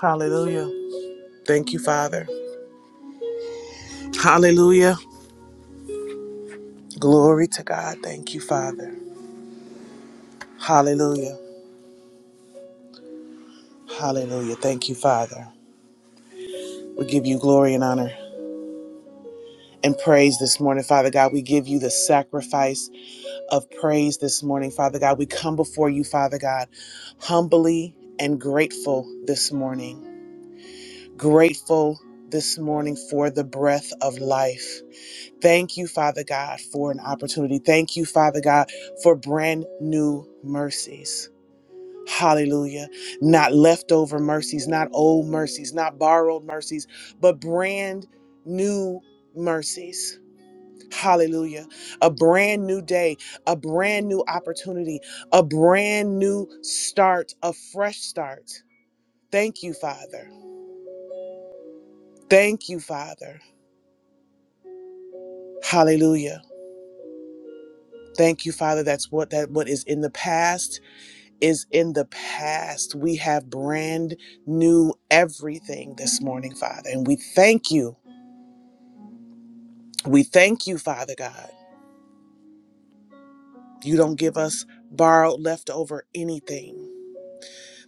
Hallelujah. Thank you, Father. Hallelujah. Glory to God. Thank you, Father. Hallelujah. Hallelujah. Thank you, Father. We give you glory and honor and praise this morning, Father God. We give you the sacrifice of praise this morning, Father God. We come before you, Father God, humbly and grateful this morning. Grateful this morning for the breath of life. Thank you, Father God, for an opportunity. Thank you, Father God, for brand new mercies. Hallelujah. Not leftover mercies, not old mercies, not borrowed mercies, but brand new mercies. Hallelujah. A brand new day, a brand new opportunity, a brand new start, a fresh start. Thank you, Father. Thank you, Father. Hallelujah. Thank you, Father. That's what that what is in the past is in the past. We have brand new everything this morning, Father. And we thank you. We thank you, Father God. You don't give us borrowed, leftover anything,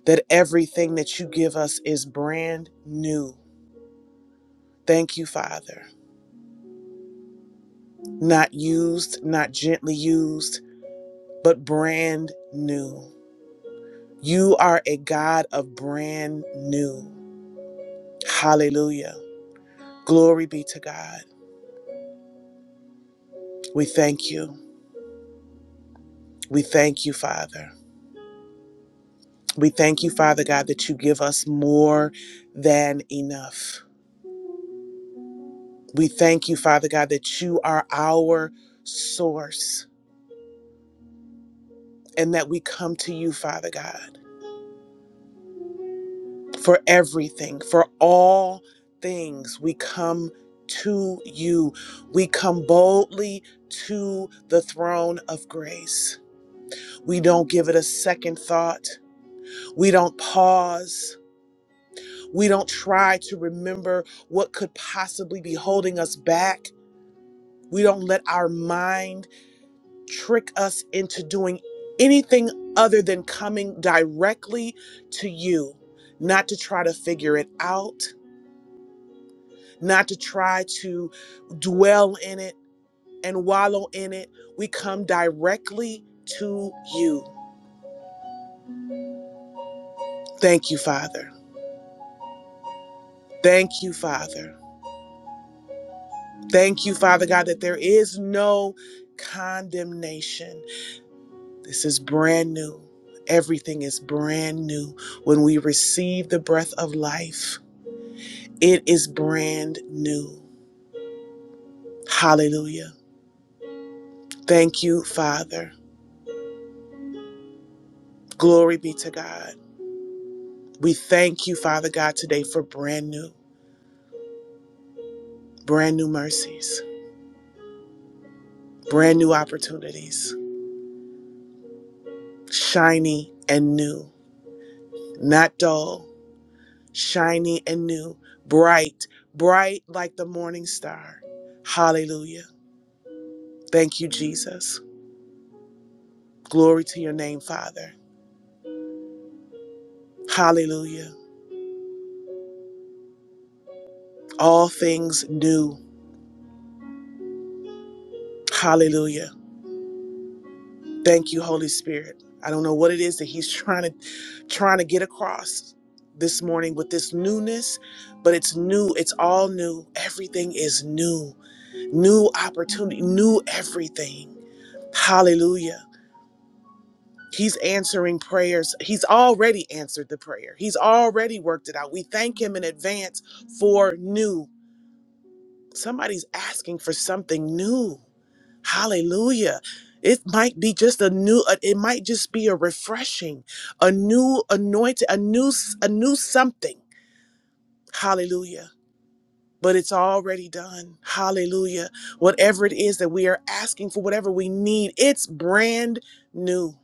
that everything that you give us is brand new. Thank you, Father. Not used, not gently used, but brand new. You are a God of brand new. Hallelujah. Glory be to God. We thank you. We thank you, Father. We thank you, Father God, that you give us more than enough. We thank you, Father God, that you are our source and that we come to you, Father God, for everything, for all things. We come to you. We come boldly to the throne of grace. We don't give it a second thought. We don't pause. We don't try to remember what could possibly be holding us back We don't let our mind trick us into doing anything other than coming directly to you, not to try to figure it out, not to try to dwell in it and wallow in it. We come directly to you. Thank you, Father. Thank you, Father. Thank you, Father God, that there is no condemnation This is brand new. Everything is brand new. When we receive the breath of life, it is brand new. Hallelujah. Thank you, Father. Glory be to God. We thank you, Father God, today for brand new, brand new mercies, brand new opportunities, shiny and new, not dull, shiny and new, bright, bright like the morning star. Hallelujah. Thank you, Jesus. Glory to your name, Father. Hallelujah. All things new. Hallelujah. Thank you, Holy Spirit. I don't know what it is that he's trying to trying to get across this morning with this newness, but it's new. It's all new. Everything is new. New opportunity, new everything. Hallelujah. He's answering prayers. He's already answered the prayer. He's already worked it out. We thank him in advance for new. Somebody's asking for something new. Hallelujah. It might be just a new uh, it might just be a refreshing, a new anointing, a new s- a new something. Hallelujah. But it's already done. Hallelujah. Whatever it is that we are asking for, whatever we need, it's brand new.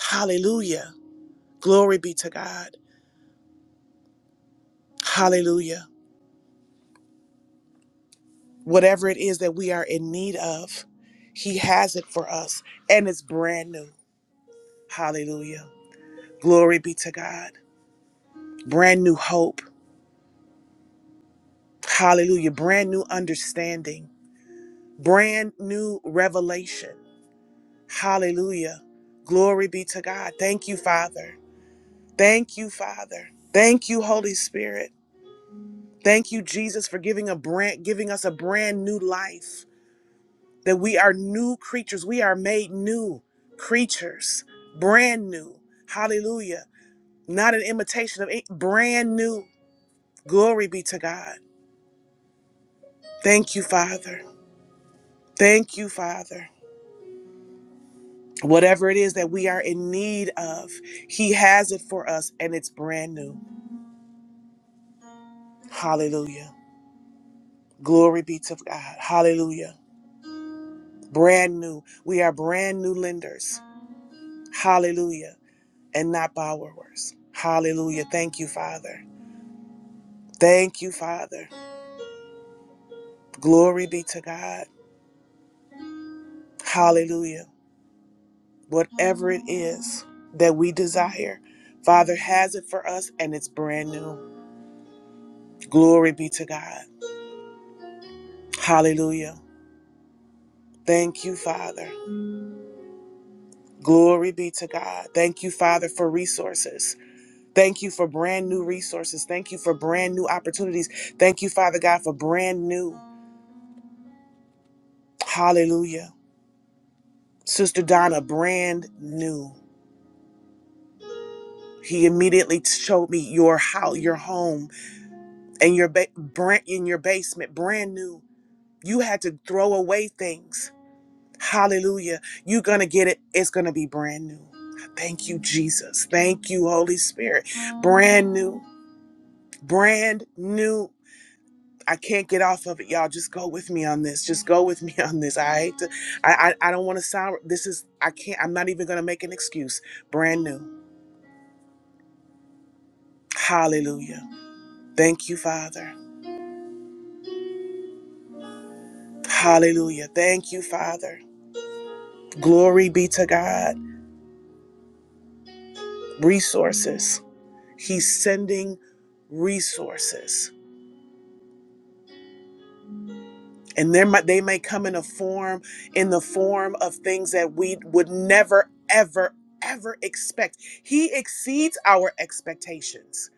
Hallelujah. Glory be to God. Hallelujah. Whatever it is that we are in need of, he has it for us and it's brand new. Hallelujah. Glory be to God. Brand new hope. Hallelujah. Brand new understanding. Brand new revelation. Hallelujah. Glory be to God. Thank you, Father. Thank you, Father. Thank you, Holy Spirit. Thank you, Jesus, for giving a brand giving us a brand new life. That we are new creatures. We are made new creatures. Brand new. Hallelujah. Not an imitation of it. brand new. Glory be to God. Thank you, Father. Thank you, Father. Whatever it is that we are in need of, He has it for us and it's brand new. Hallelujah. Glory be to God. Hallelujah. Brand new. We are brand new lenders. Hallelujah. And not borrowers. Hallelujah. Thank you, Father. Thank you, Father. Glory be to God. Hallelujah. Whatever it is that we desire, Father has it for us and it's brand new. Glory be to God. Hallelujah. Thank you, Father. Glory be to God. Thank you, Father, for resources. Thank you for brand new resources. Thank you for brand new opportunities. Thank you, Father God, for brand new. Hallelujah. Sister Donna, brand new. He immediately showed me your house, your home, and your ba- brand in your basement, brand new. You had to throw away things. Hallelujah. You're going to get it. It's going to be brand new. Thank you, Jesus. Thank you, Holy Spirit. Brand new. brand new. I can't get off of it, y'all. Just go with me on this. Just go with me on this. I hate to. I I, I don't want to sound. This is. I can't. I'm not even gonna make an excuse. Brand new. Hallelujah. Thank you, Father. Hallelujah. Thank you, Father. Glory be to God. Resources. He's sending resources and there might, they may come in a form in the form of things that we would never ever ever expect he exceeds our expectations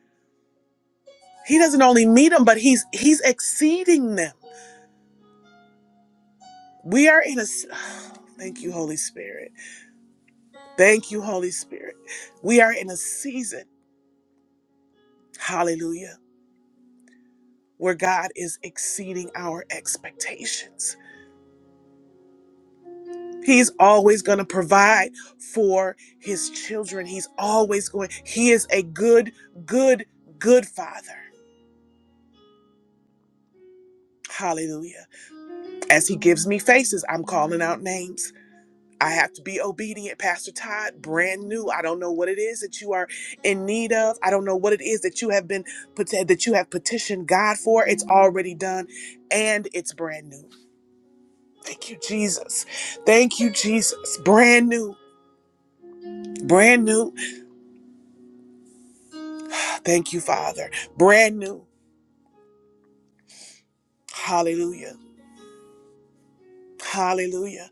he doesn't only meet them but he's he's exceeding them we are in a s- thank you holy spirit thank you holy spirit we are in a season hallelujah where god is exceeding our expectations He's always going to provide for his children. He's always going, he is a good, good, good father. Hallelujah. As he gives me faces, I'm calling out names. I have to be obedient, Pastor Todd, brand new. I don't know what it is that you are in need of. I don't know what it is that you have been that you have petitioned God for. It's already done and it's brand new. Thank you Jesus. Thank you Jesus. Brand new. Brand new Thank you, Father. Brand new. Hallelujah. Hallelujah.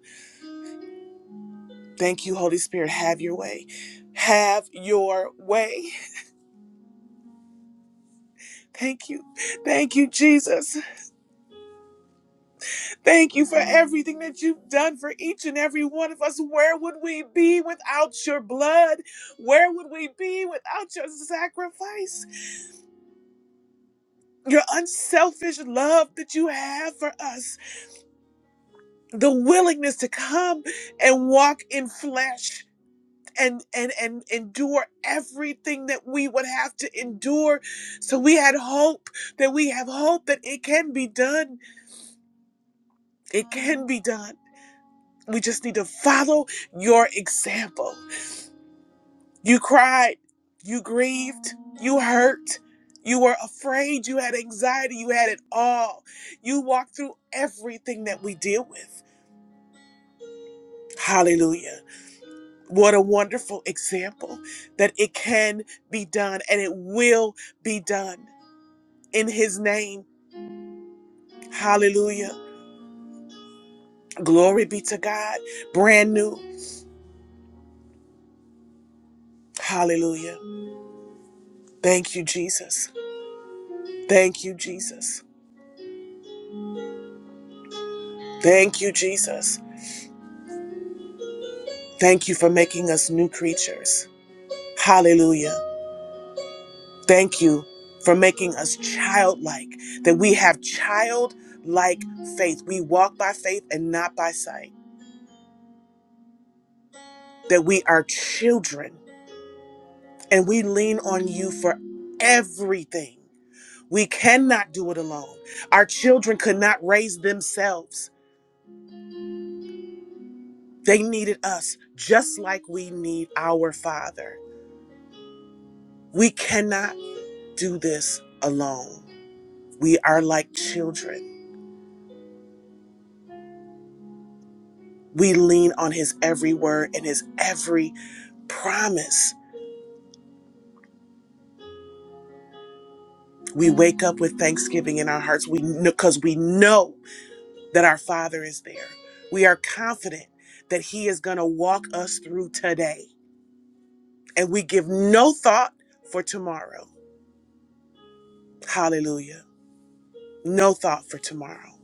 Thank you, Holy Spirit. Have your way. Have your way. Thank you. Thank you, Jesus. Thank you for everything that you've done for each and every one of us. Where would we be without your blood? Where would we be without your sacrifice? Your unselfish love that you have for us, the willingness to come and walk in flesh and and and endure everything that we would have to endure so we had hope that we have hope that it can be done it can be done we just need to follow your example you cried you grieved you hurt you were afraid you had anxiety you had it all you walked through everything that we deal with hallelujah what a wonderful example that it can be done and it will be done in his name. Hallelujah. Glory be to God. Brand new. Hallelujah. Thank you, Jesus. Thank you, Jesus. Thank you, Jesus. Thank you for making us new creatures. Hallelujah. Thank you for making us childlike, that we have childlike faith. We walk by faith and not by sight, that we are children and we lean on you for everything. We cannot do it alone. Our children could not raise themselves. They needed us just like we need our Father. We cannot do this alone. We are like children. We lean on His every word and His every promise. We wake up with thanksgiving in our hearts we, 'cause we know that our Father is there. We are confident that He is going to walk us through today, and we give no thought for tomorrow. Hallelujah. No thought for tomorrow.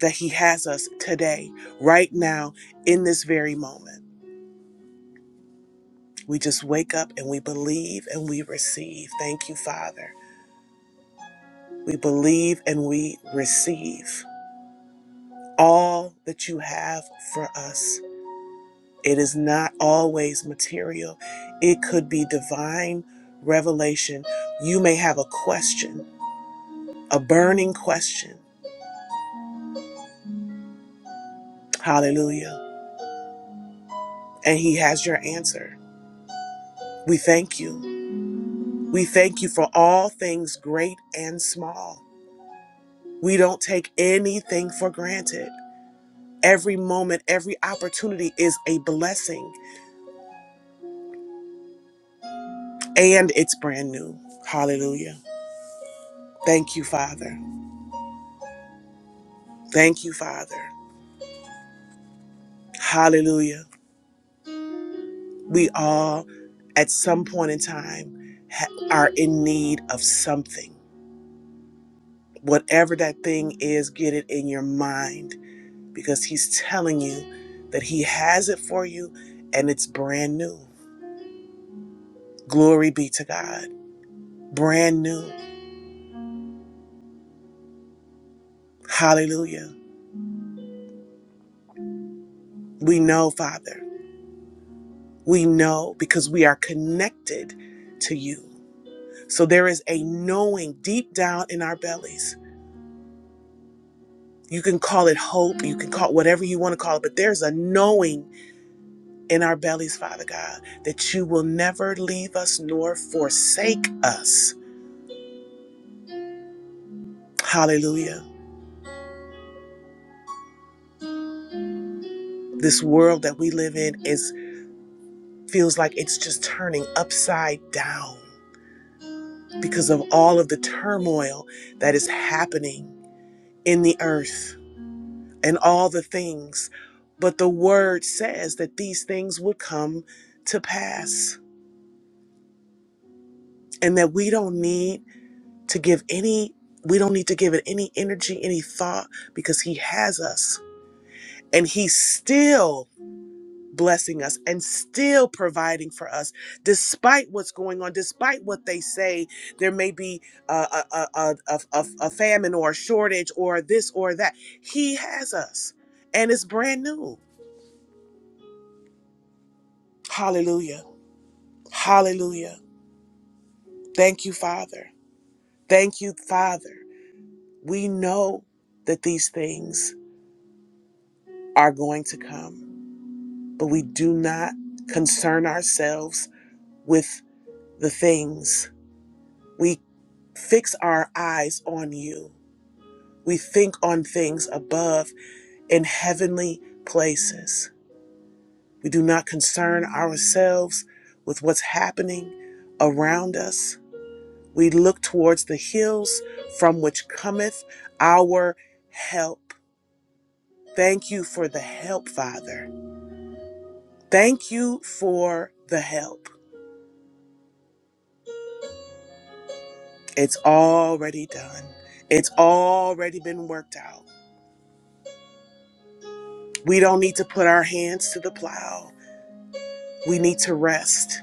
That He has us today, right now, in this very moment. We just wake up and we believe and we receive. Thank you, Father. We believe and we receive all that you have for us. It is not always material, it could be divine revelation. You may have a question, a burning question. Hallelujah. And He has your answer. We thank you. We thank you for all things great and small. We don't take anything for granted. Every moment, every opportunity is a blessing and it's brand new. Hallelujah. Thank you, Father. Thank you, Father. Hallelujah. We all, at some point in time, ha- are in need of something. Whatever that thing is, get it in your mind because He's telling you that He has it for you and it's brand new. Glory be to God. Brand new. Hallelujah. We know, Father. We know because we are connected to you. So there is a knowing deep down in our bellies. You can call it hope, you can call it whatever you want to call it, but there's a knowing in our bellies, Father God, that you will never leave us nor forsake us. Hallelujah. This world that we live in is feels like it's just turning upside down. because of all of the turmoil that is happening in the earth and all the things. But the word says that these things would come to pass and that we don't need to give any we don't need to give it any energy, any thought because he has us. And he still blessing us and still providing for us despite what's going on despite what they say there may be a, a, a, a, a, a famine or a shortage or this or that he has us and it's brand new hallelujah hallelujah thank you father thank you father we know that these things are going to come but we do not concern ourselves with the things we. Fix our eyes on you. We think on things above in heavenly places. We do not concern ourselves with what's happening around us. We look towards the hills from which cometh our help. Thank you for the help, Father. Thank you for the help. It's already done, it's already been worked out. We don't need to put our hands to the plow. We need to rest.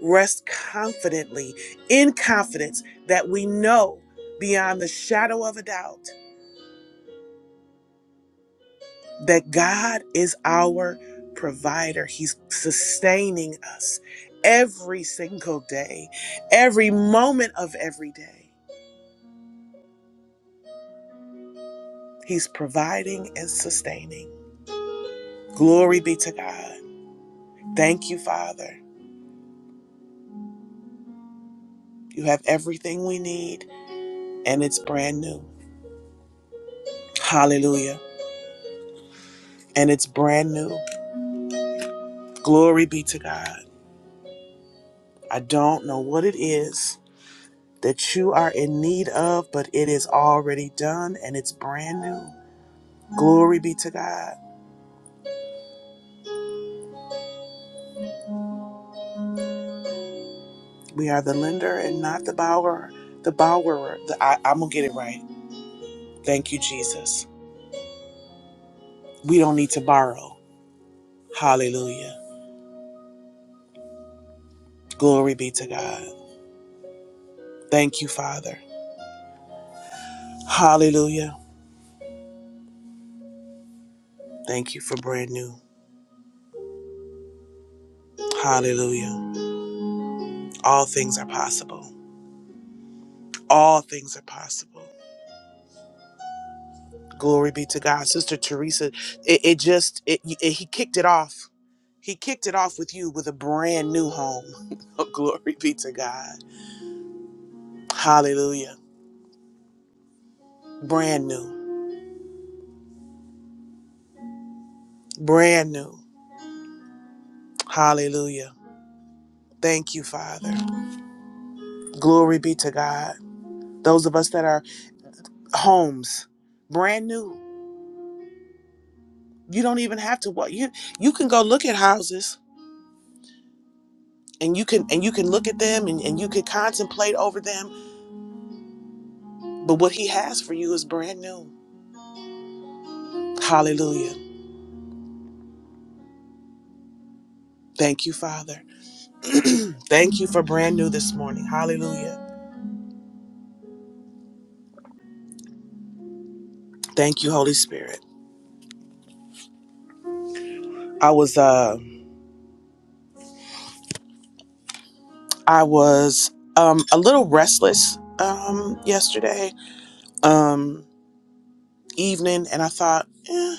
Rest confidently, in confidence that we know beyond the shadow of a doubt that God is our provider. He's sustaining us every single day, every moment of every day. He's providing and sustaining. Glory be to God. Thank you, Father. You have everything we need, and it's brand new. Hallelujah. And it's brand new. Glory be to God. I don't know what it is that you are in need of, but it is already done and it's brand new. Glory be to God. We are the lender and not the borrower. The borrower, the, I, I'm going to get it right. Thank you, Jesus. We don't need to borrow. Hallelujah. Glory be to God. Thank you, Father. Hallelujah. Thank you for brand new. Hallelujah. All things are possible. All things are possible. Glory be to God, Sister Teresa. It, it just it, it- he kicked it off. He kicked it off with you with a brand new home. oh, glory be to God. Hallelujah. Brand new. Brand new. Hallelujah. Thank you, Father. Glory be to God. Those of us that are homes, brand new. You don't even have to what you you can go look at houses and you can and you can look at them and, and you can contemplate over them. But what he has for you is brand new. Hallelujah. Thank you, Father. Thank you for brand new this morning. Hallelujah. Thank you, Holy Spirit. I was uh I was um a little restless um yesterday um evening and I thought eh.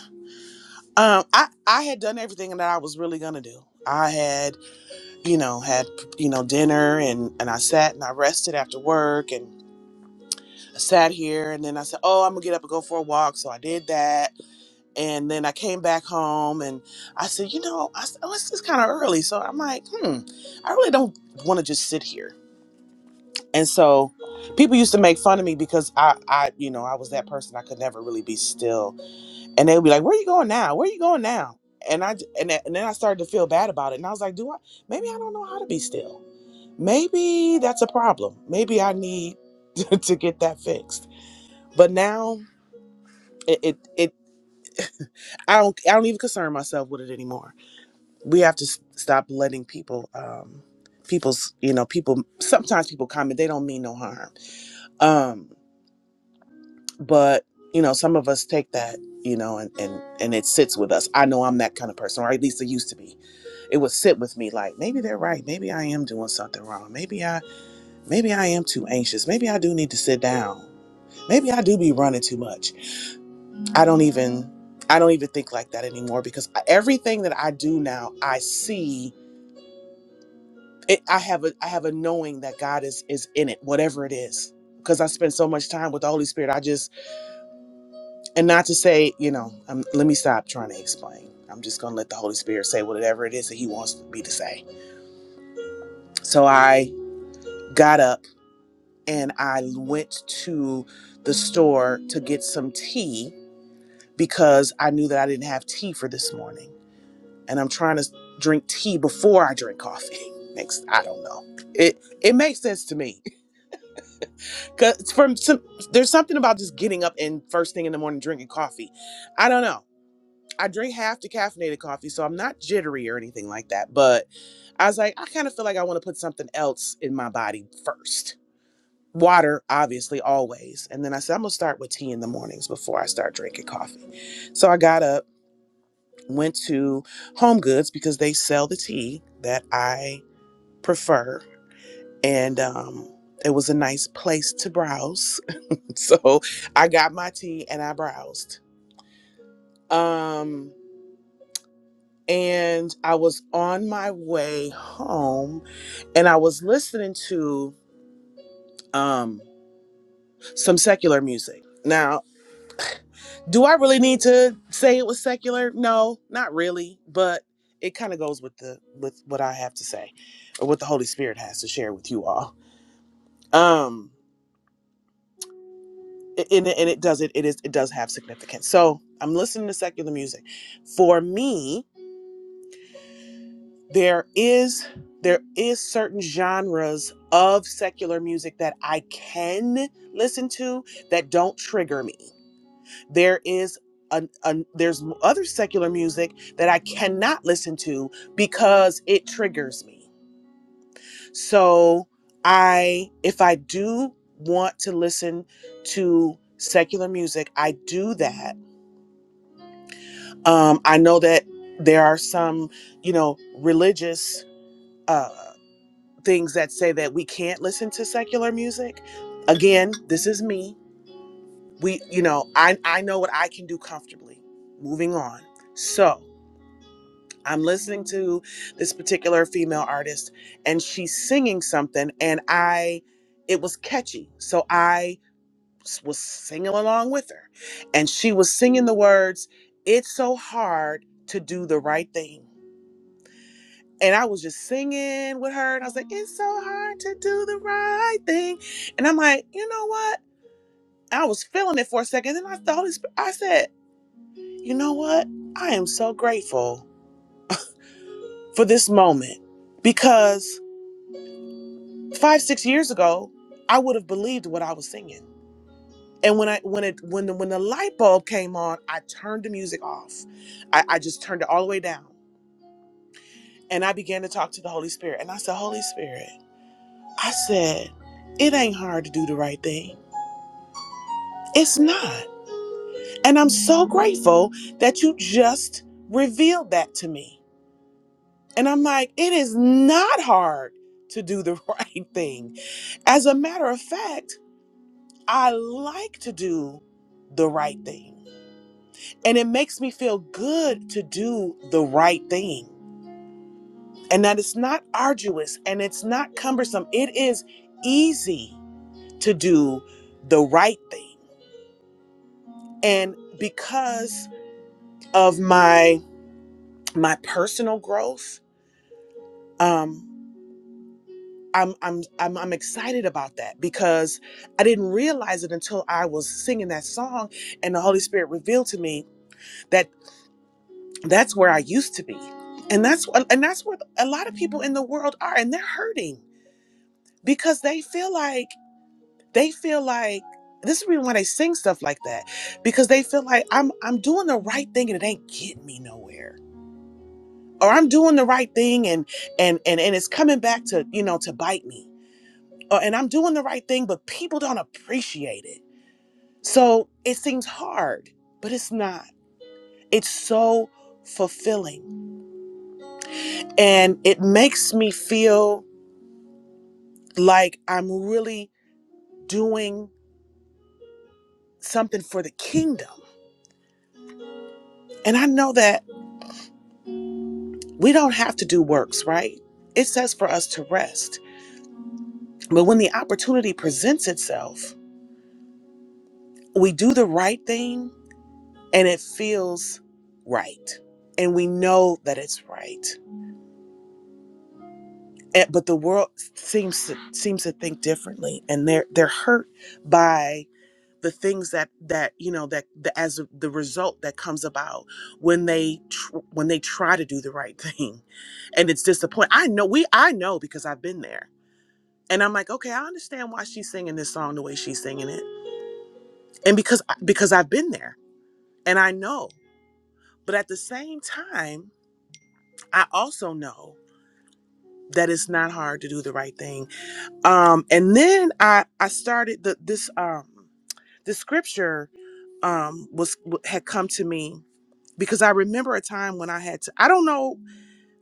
um I I had done everything that I was really going to do. I had, you know, had you know dinner and and I sat and I rested after work and I sat here and then I said, "Oh, I'm going to get up and go for a walk." So I did that And then I came back home and I said, you know, I said, oh, it's just kind of early. So I'm like, hmm, I really don't want to just sit here. And so people used to make fun of me because I, I, you know, I was that person. I could never really be still. And they would be like, where are you going now? Where are you going now? And I, and, th- and then I started to feel bad about it. And I was like, do I, maybe I don't know how to be still. Maybe that's a problem. Maybe I need to to get that fixed. But now it, it, it I don't, I don't even concern myself with it anymore we have to s- stop letting people um people's you know people sometimes people comment they don't mean no harm um but you know some of us take that you know and and and it sits with us i know i'm that kind of person or at least it used to be it would sit with me like maybe they're right maybe i am doing something wrong maybe i maybe i am too anxious maybe i do need to sit down maybe i do be running too much i don't even i don't even think like that anymore because I- everything that i do now i see it, I have a I have a knowing that God is is in it, whatever it is. Because I spend so much time with the Holy Spirit, I just and not to say, you know, um, let me stop trying to explain. I'm just gonna let the Holy Spirit say whatever it is that He wants me to say. So I got up and I went to the store to get some tea because I knew that I didn't have tea for this morning, and I'm trying to drink tea before I drink coffee. Next, I don't know. It it makes sense to me Cause from some, there's something about just getting up and first thing in the morning drinking coffee. I don't know. I drink half decaffeinated coffee, so I'm not jittery or anything like that. But I was like, I kind of feel like I want to put something else in my body first. Water, obviously, always. And then I said, I'm gonna start with tea in the mornings before I start drinking coffee. So I got up, went to Home Goods because they sell the tea that I prefer, and um, it was a nice place to browse So I got my tea and I browsed. Um, and I was on my way home and I was listening to um, some secular music. Now, do I really need to say it was secular? No, not really, but it kind of goes with the with what I have to say or what the Holy Spirit has to share with you all. Um and, and it does it it is it does have significance. So I'm listening to secular music. For me, there is there is certain genres of secular music that I can listen to that don't trigger me. There is a, an, there's other secular music that I cannot listen to because it triggers me. So I if I do want to listen to secular music, I do that. Um, I know that there are some, you know, religious uh things that say that we can't listen to secular music. Again, this is me. We, you know, I I know what I can do comfortably. Moving on. So I'm listening to this particular female artist, and she's singing something, and I, it was catchy, so I s- was singing along with her, and she was singing the words, "It's so hard to do the right thing." and I was just singing with her, and I was like, "It's so hard to do the right thing," and I'm like, "You know what?" I was feeling it for a second, then I thought, I said, "You know what? I am so grateful for this moment because five, six years ago, I would have believed what I was singing." And when I when it when the when the light bulb came on, I turned the music off. I, I just turned it all the way down, and I began to talk to the Holy Spirit, and I said, "Holy Spirit," I said, "It ain't hard to do the right thing." It's not. And I'm so grateful that you just revealed that to me. And I'm like, it is not hard to do the right thing. As a matter of fact, I like to do the right thing. And it makes me feel good to do the right thing. And that it's not arduous and it's not cumbersome. It is easy to do the right thing. And because of my my personal growth um I'm, I'm I'm I'm excited about that because I didn't realize it until I was singing that song and the Holy Spirit revealed to me that that's where I used to be. And that's and that's where a lot of people in the world are and they're hurting because they feel like they feel like this is the reason why they sing stuff like that because they feel like I'm I'm doing the right thing and it ain't getting me nowhere or I'm doing the right thing and and and and it's coming back to you know to bite me uh, and I'm doing the right thing, but people don't appreciate it. So it seems hard, but it's not. It's so fulfilling. And it makes me feel like I'm really doing something for the kingdom. And I know that we don't have to do works, right? It says for us to rest. But when the opportunity presents itself, we do the right thing and it feels right. And we know that it's right. Eh, but the world seems to seems to think differently and they're they're hurt by the things that that you know that the, as a- the result that comes about when they tr- when they try to do the right thing and it's disappointing i know we i know because i've been there and i'm like okay i understand why she's singing this song the way she's singing it and because I- because i've been there and i know but at the same time i also know that it's not hard to do the right thing um and then i i started the this um the scripture um was had come to me because i remember a time when i had to i don't know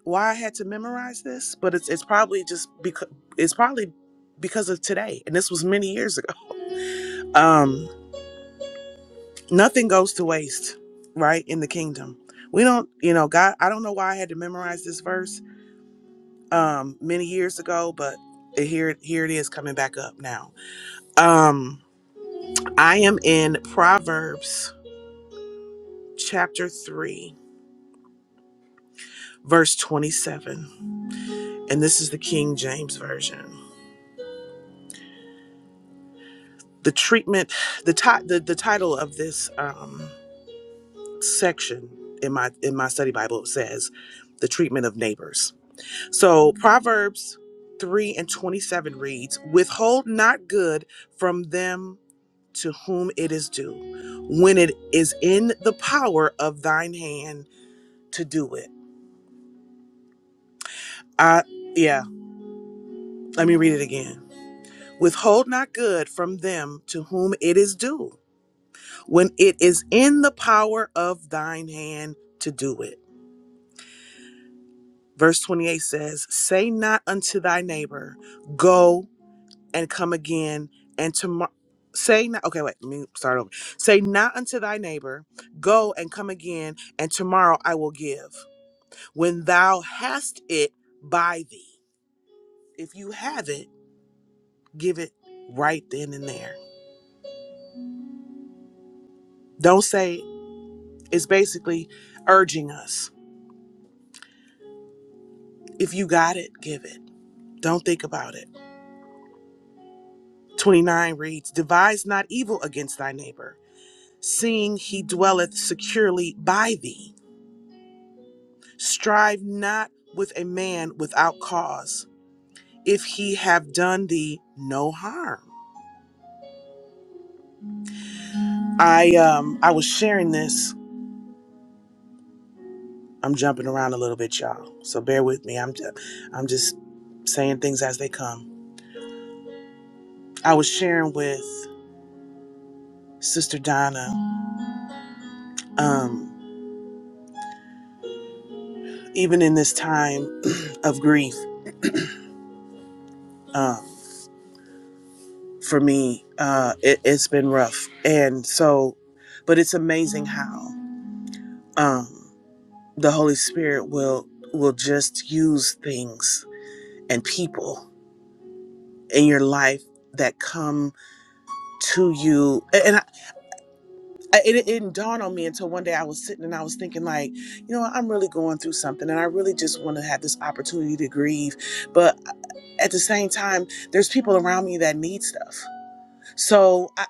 why i had to memorize this but it's it's probably just because it's probably because of today and this was many years ago um nothing goes to waste right in the kingdom we don't you know god i don't know why i had to memorize this verse um many years ago but here here it is coming back up now Um. I am in Proverbs chapter 3, verse 27, and this is the King James Version. The treatment, the, ti- the, the title of this um, section in my, in my study Bible says, The Treatment of Neighbors. So Proverbs 3 and 27 reads, Withhold not good from them to whom it is due, when it is in the power of thine hand to do it. I, yeah, let me read it again. Withhold not good from them to whom it is due, when it is in the power of thine hand to do it. Verse 28 says, Say not unto thy neighbor, Go and come again, and tomorrow. Say not, okay, wait, let me start over. Say not unto thy neighbor, Go and come again, and tomorrow I will give. When thou hast it by thee, if you have it, give it right then and there. Don't say is basically urging us if you got it, give it. Don't think about it. 29 reads Devise not evil against thy neighbor, seeing he dwelleth securely by thee. Strive not with a man without cause, if he have done thee no harm. I um I was sharing this. I'm jumping around a little bit, y'all. So bear with me. I'm just, I'm just saying things as they come. I was sharing with Sister Donna. Um, even in this time of grief uh, for me uh, it, it's been rough and so but it's amazing how um, the holy spirit will will just use things and people in your life that come to you and and I, I- it, it didn't dawn on me until one day i was sitting and i was thinking like you know i'm really going through something and i really just want to have this opportunity to grieve but uh, at the same time there's people around me that need stuff So I,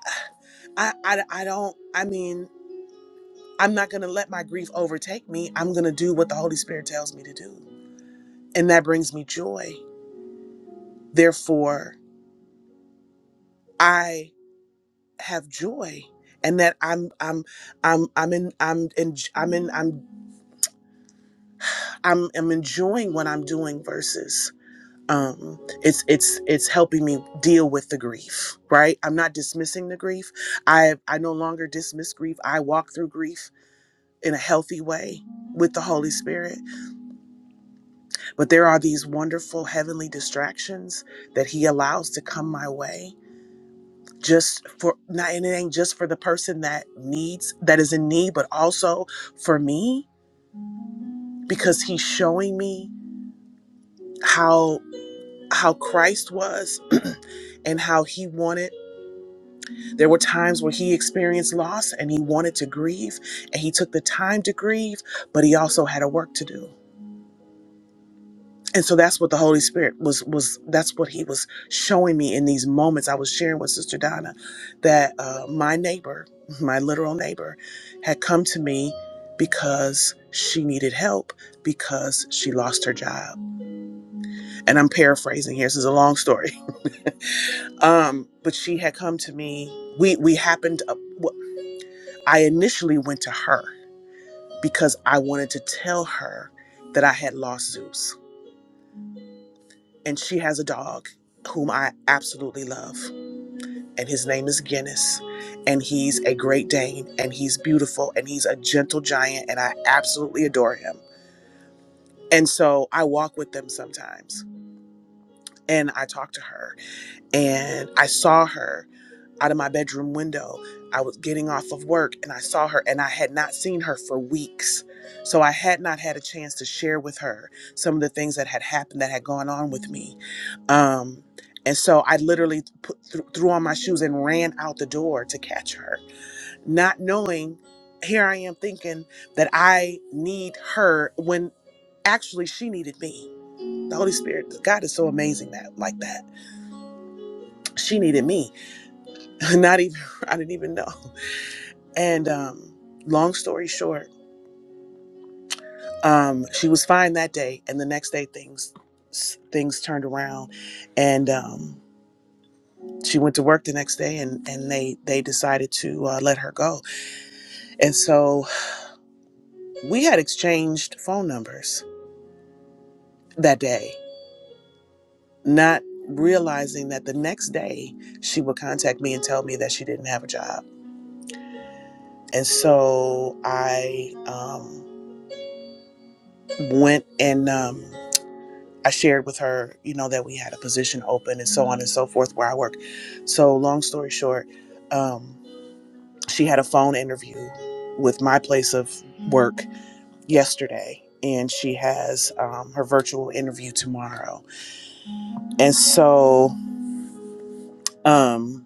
I, I, I don't. I mean, I'm not gonna let my grief overtake me. I'm gonna do what the Holy Spirit tells me to do, and that brings me joy. Therefore, I have joy, and that I'm, I'm, I'm, I'm in, I'm in, I'm in, I'm, I'm, I'm enjoying what I'm doing versus um it's it's it's helping me deal with the grief right i'm not dismissing the grief i i no longer dismiss grief i walk through grief in a healthy way with the Holy Spirit. But there are these wonderful heavenly distractions that He allows to come my way just for not and it ain't just for the person that needs that is in need, but also for me, because He's showing me how how Christ was and how he wanted there were times where he experienced loss and he wanted to grieve and he took the time to grieve but he also had a work to do and so that's what the holy spirit was was that's what he was showing me in these moments i was sharing with sister donna that uh, my neighbor my literal neighbor had come to me because she needed help because she lost her job and i'm paraphrasing here this is a long story um but she had come to me we we happened up, w- i initially went to her because i wanted to tell her that i had lost zeus and she has a dog whom i absolutely love and his name is Guinness. And he's a great Dane, and he's beautiful, and he's a gentle giant, and I absolutely adore him. And so I walk with them sometimes, and I talk to her, and I saw her out of my bedroom window. I was getting off of work, and I saw her, and I had not seen her for weeks. So I had not had a chance to share with her some of the things that had happened that had gone on with me. Um, and so I literally put, threw on my shoes and ran out the door to catch her not knowing here I am thinking that I need her when actually she needed me. The Holy Spirit, God is so amazing that like that. She needed me. Not even I didn't even know. And um long story short, um she was fine that day and the next day things things turned around and um she went to work the next day and and they they decided to uh, let her go. And so we had exchanged phone numbers that day not realizing that the next day she would contact me and tell me that she didn't have a job. And so I um, went and um, I shared with her, you know, that we had a position open and so on and so forth where I work. So, long story short, um, she had a phone interview with my place of work yesterday. And she has um, her virtual interview tomorrow. And so, um,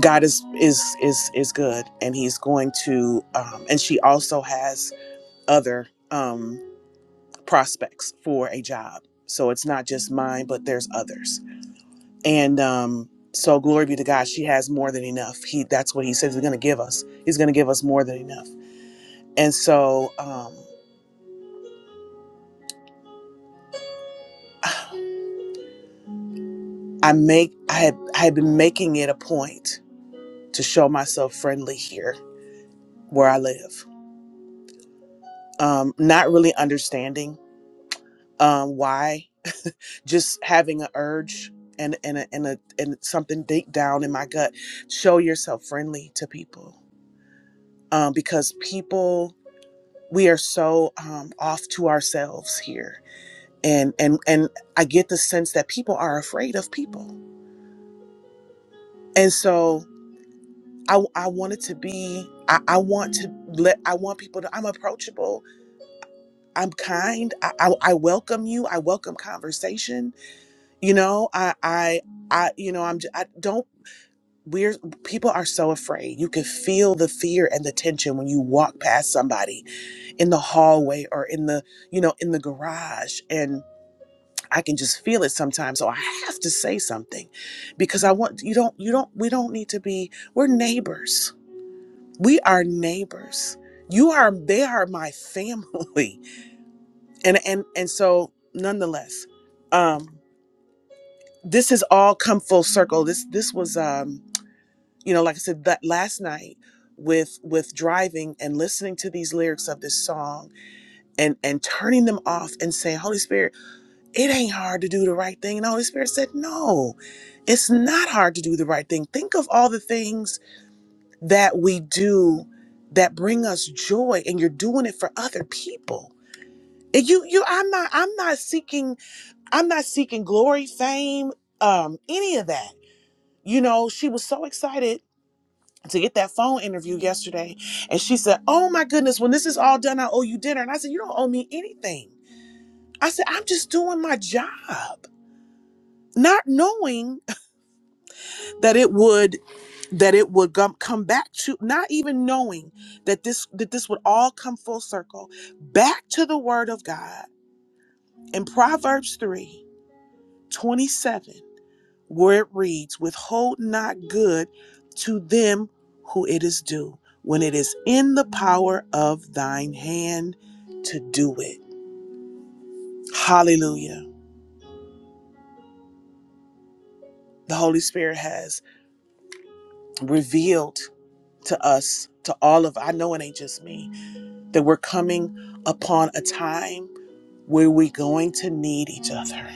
God is is is is good, and He's going to. Um, and she also has other um, prospects for a job, so it's not just mine, but there's others. And um, so, glory be to God, she has more than enough. He that's what He says He's going to give us. He's going to give us more than enough. And so, um, I make I had I had been making it a point to show myself friendly here where I live, um, not really understanding um, why. just having an urge and and a, and a, and something deep down in my gut show yourself friendly to people um, because people we are so um, off to ourselves here and and and i get the sense that people are afraid of people and so i i wanted to be I, I want to let i want people to i'm approachable i'm kind I, I i welcome you i welcome conversation you know i i i you know i'm j- i am i do not we're people are so afraid. You can feel the fear and the tension when you walk past somebody in the hallway or in the, you know, in the garage and I can just feel it sometimes. So I have to say something because I want you don't you don't we don't need to be we're neighbors. We are neighbors. You are they are my family. And and and so nonetheless, um this has all come full circle. This this was um you know like i said that last night with with driving and listening to these lyrics of this song and and turning them off and saying holy spirit it ain't hard to do the right thing and the holy spirit said no it's not hard to do the right thing think of all the things that we do that bring us joy and you're doing it for other people and you you i'm not i'm not seeking i'm not seeking glory fame um any of that you know she was so excited to get that phone interview yesterday. And she said, Oh my goodness, when this is all done, I owe you dinner. And I said, You don't owe me anything. I said, I'm just doing my job. Not knowing that it would that it would gum- come back to not even knowing that this that this would all come full circle back to the word of God in Proverbs 3, 27. where it reads, Withhold not good to them who it is due, when it is in the power of thine hand to do it. Hallelujah. The Holy Spirit has revealed to us, to all of, I know it ain't just me, that we're coming upon a time where we're going to need each other.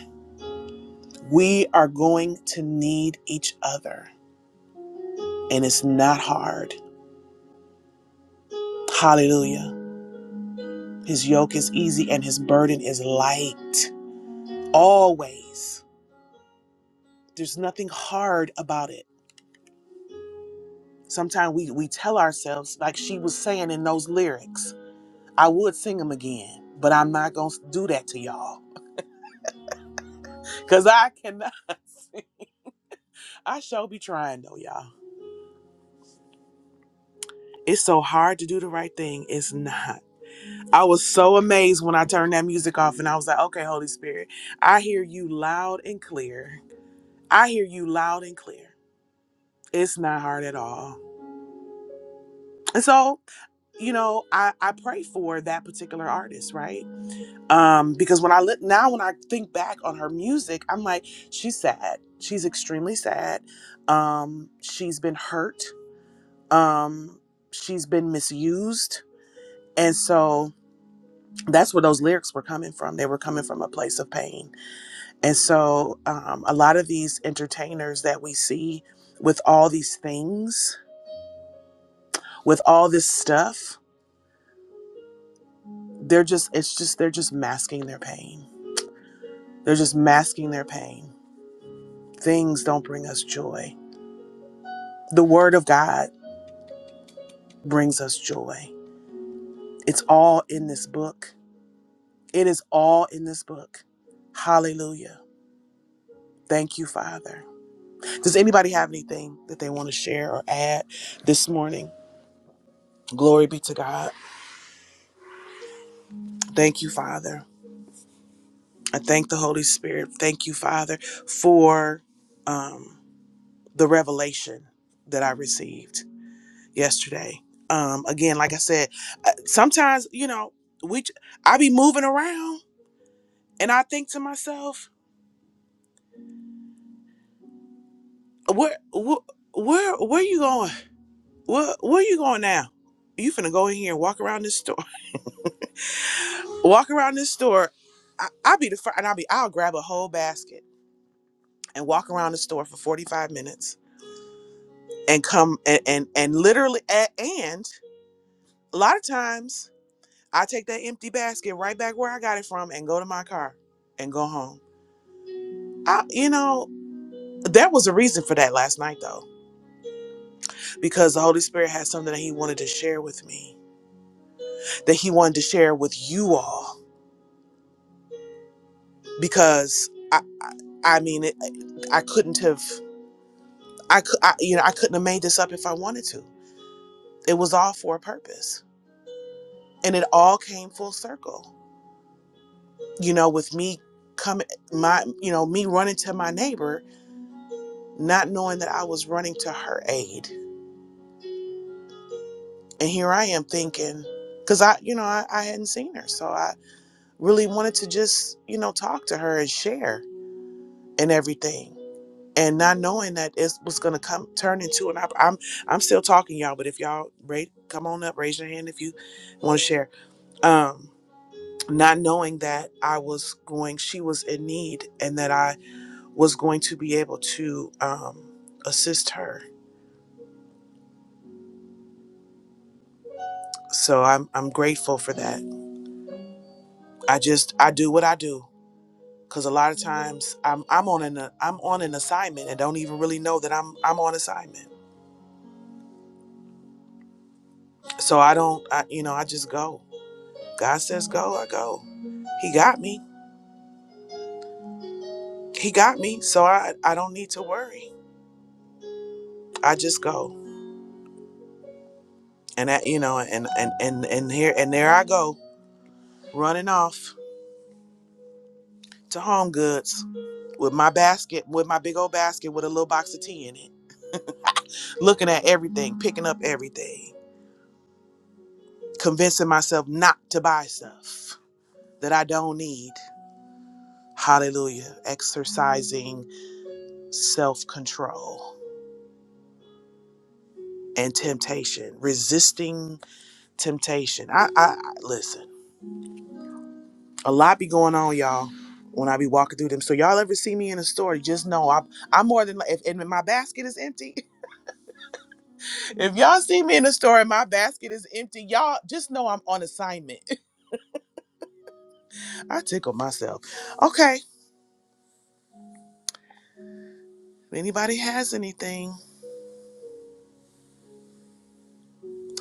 We are going to need each other, and it's not hard. Hallelujah. His yoke is easy and his burden is light. Always. There's nothing hard about it. Sometimes we, we tell ourselves, like she was saying in those lyrics, I would sing them again, but I'm not going to do that to y'all. Because I cannot. I shall be trying, though, y'all. It's so hard to do the right thing. It's not. I was so amazed when I turned that music off and I was like, okay, Holy Spirit, I hear you loud and clear. I hear you loud and clear. It's not hard at all. And so. you know i i pray for that particular artist right um because when i look now when i think back on her music i'm like she's sad she's extremely sad um she's been hurt um she's been misused and so that's where those lyrics were coming from they were coming from a place of pain and so um a lot of these entertainers that we see with all these things with all this stuff they're just it's just they're just masking their pain They're just masking their pain. Things don't bring us joy. The Word of God brings us joy. It's all in this book. It is all in this book. Hallelujah. Thank you, Father. Does anybody have anything that they want to share or add this morning? Glory be to God. Thank you, Father. I thank the Holy Spirit. Thank you, Father, for um, the revelation that I received. yesterday. Um, again, like I said, uh, sometimes you know we j- I be moving around and I think to myself, where where where, where you going? Where where you going now? You finna go in here and walk around this store. Walk around this store. I, I'll be the first, and I'll be I'll grab a whole basket and walk around the store for forty five minutes and come and and, and literally a and a lot of times I take that empty basket right back where I got it from and go to my car and go home I, you know, there was a reason for that last night though, because the Holy Spirit had something that He wanted to share with me, that He wanted to share with you all, because I, I, I mean, it, I couldn't have, I, cou- I, you know, I couldn't have made this up if I wanted to. It was all for a purpose, and it all came full circle. You know, with me coming, my, you know, me running to my neighbor, not knowing that I was running to her aid, and here I am thinking, because I, you know, I, I hadn't seen her, so I. really wanted to just, you know, talk to her and share and everything. And not knowing that it was gonna come turn into an op- I'm I'm still talking y'all, but if y'all rate come on up, raise your hand if you want to share. Um not knowing that I was going she was in need and that I was going to be able to um assist her. So I'm I'm grateful for that. I just I do what I do because a lot of times I'm I'm on an I'm on an assignment and don't even really know that I'm I'm on assignment So I don't, I, you know, I just go. God says go, I go. He got me. He got me. So I, I don't need to worry. I just go. And that, you know, and, and, and, and here, and there I go running off to home goods with my basket, with my big old basket with a little box of tea in it, looking at everything, picking up everything, convincing myself not to buy stuff that I don't need. Hallelujah. Exercising self control. and temptation, resisting temptation. I, I, I listen. A lot be going on, y'all. When I be walking through them, so y'all ever see me in a store, just know I'm I'm more than li- if and my basket is empty. If y'all see me in a store and my basket is empty, y'all just know I'm on assignment. I tickle myself. Okay, if anybody has anything,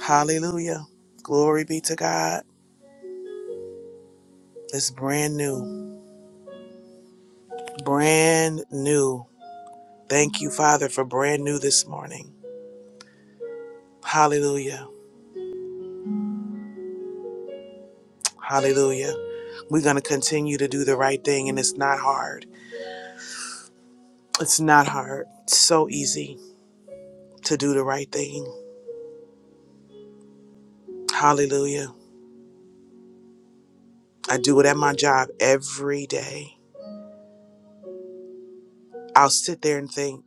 hallelujah, glory be to God. It's brand new, brand new. Thank you, Father, for brand new this morning. Hallelujah. Hallelujah. We're going to continue to do the right thing, and it's not hard. It's not hard. It's so easy to do the right thing. Hallelujah. I do it at my job every day. I'll sit there and think,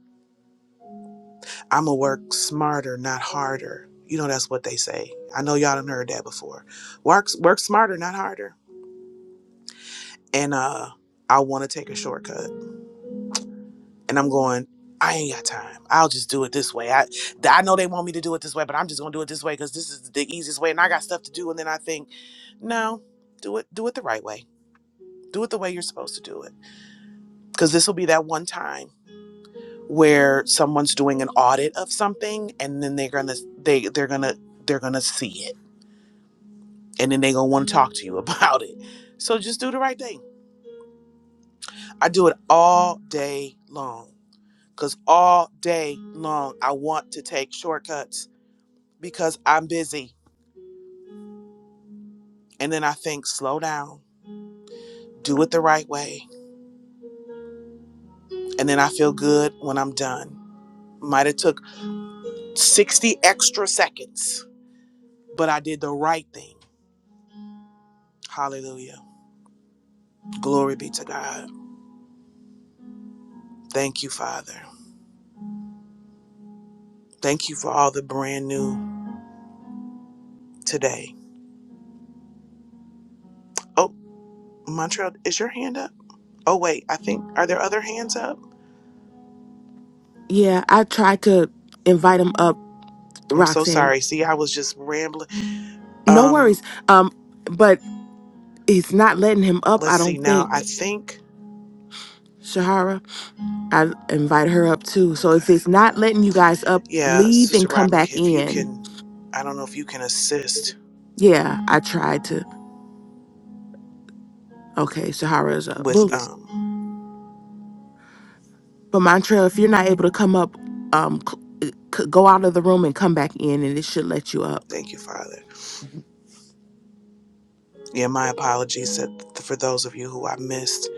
I'm going to work smarter, not harder. You know, that's what they say. I know y'all done heard that before. Work, work smarter, not harder. And uh, I want to take a shortcut. and I'm going, I ain't got time. I'll just do it this way. I th- I know they want me to do it this way, but I'm just gonna do it this way because this is the easiest way, and I got stuff to do. And then I think, no, do it do it the right way. Do it the way you're supposed to do it. Because this will be that one time where someone's doing an audit of something, and then they're gonna they they're gonna they're gonna see it, and then they're gonna want to talk to you about it. So just do the right thing. I do it all day long. Cause all day long, I want to take shortcuts because I'm busy. And then I think, slow down, do it the right way. And then I feel good when I'm done. Might have took 60 extra seconds, but I did the right thing. Hallelujah. Glory be to God. Thank you, Father. Thank you for all the brand new today. Oh, Montreal, is your hand up? Oh wait, I think are there other hands up? Yeah, I tried to invite him up, I'm so Roxanne. sorry. See, I was just rambling. No worries. Um, Um, but it's not letting him up, let's I see don't now. I think. think Shahara, I invited her up too. So if okay. it's not letting you guys up, Yeah, leave Sister and come Robin, back if you in. can, I don't know if you can assist Yeah, I tried to. Okay, Shahara up. with, Well, um, but Mantra, if you're not able to come up, um, c- c- go out of the room and come back in, and it should let you up. thank you, Father. Yeah, my apologies that- for those of you who I missed.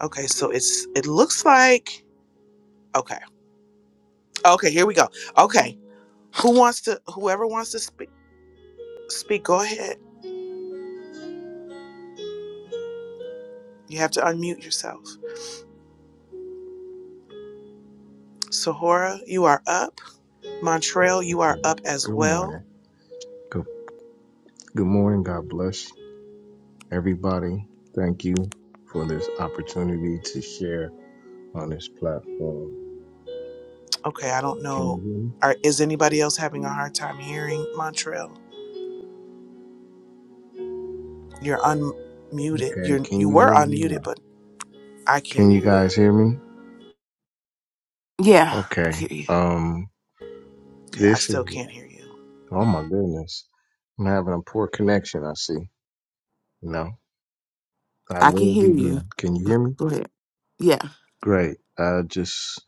Okay, so it's, it looks like, okay, okay, here we go. Okay, who wants to, whoever wants to speak, speak, go ahead. You have to unmute yourself. Sahora, you are up. Montreal, you are Yeah. up as Good well. morning. Good, good morning. God bless everybody. Thank you for this opportunity to share on this platform. Okay, I don't Can know. you hear Are, is anybody else having a hard time hearing Montreal? You're unmuted. me? Okay. you you Can you were hear me unmuted, now? but I can't Can you hear guys you. hear me? Yeah, I hear Okay. you. Um, Okay, I this is, still can't hear you. oh my goodness. I'm having a poor connection. I see. No, I I can will hear be you. done. Can you hear me? Go ahead. Yeah, Great. I just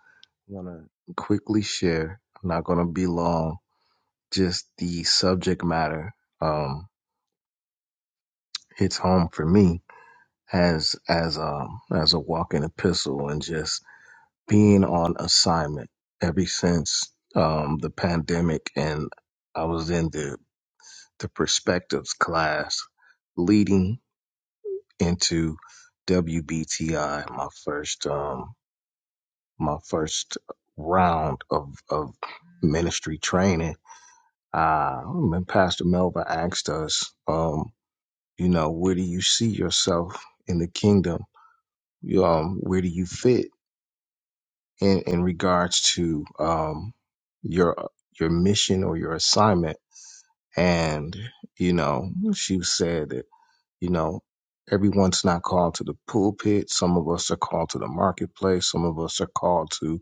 want to quickly share. I'm not going to be long. Just the subject matter. Um. hits home for me as as um as a walking epistle and just being on assignment ever since um the pandemic and I was in the the perspectives class leading into WBTI my first um my first round of of ministry training uh and Pastor Melba asked us um you know where do you see yourself in the kingdom You, um, where do you fit in in regards to um your your mission or your assignment? And you know, she said that you know everyone's not called to the pulpit. Some of us are called to the marketplace. Some of us are called to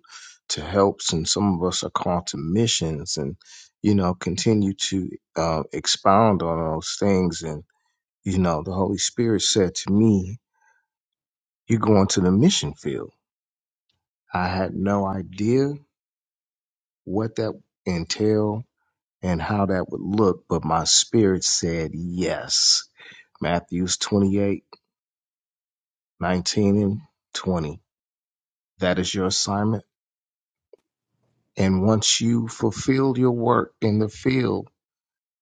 to helps, and some of us are called to missions. And you know, continue to uh, expound on those things. And you know, the Holy Spirit said to me, "You're going to the mission field." I had no idea what that entail and how that would look, but my spirit said yes. Matthews 28 19 and 20. That is your assignment. And once you fulfill your work in the field,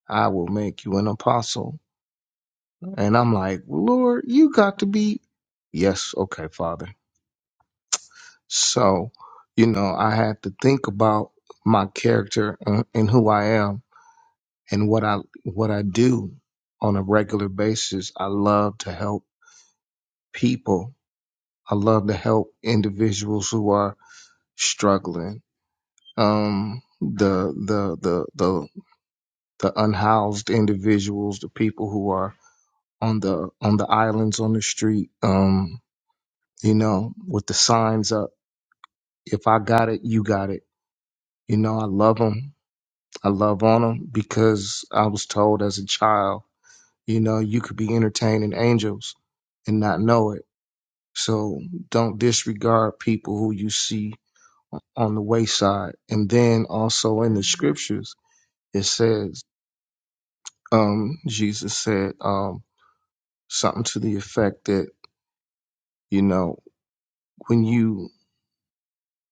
I will make you an apostle. And I'm like, Lord, you got to be. Yes, okay, Father. So, you know, I had to think about my character uh, and who I am and what I what I do on a regular basis. I love to help people. I love to help individuals who are struggling. Um, the the the the the unhoused individuals, the people who are on the on the islands on the street. Um, you know, with the signs up. If I got it, you got it. You know, I love them. I love on them because I was told as a child You know, you could be entertaining angels and not know it. So don't disregard people who you see on the wayside. And then also in the scriptures, it says, um, Jesus said um, something to the effect that, you know, when you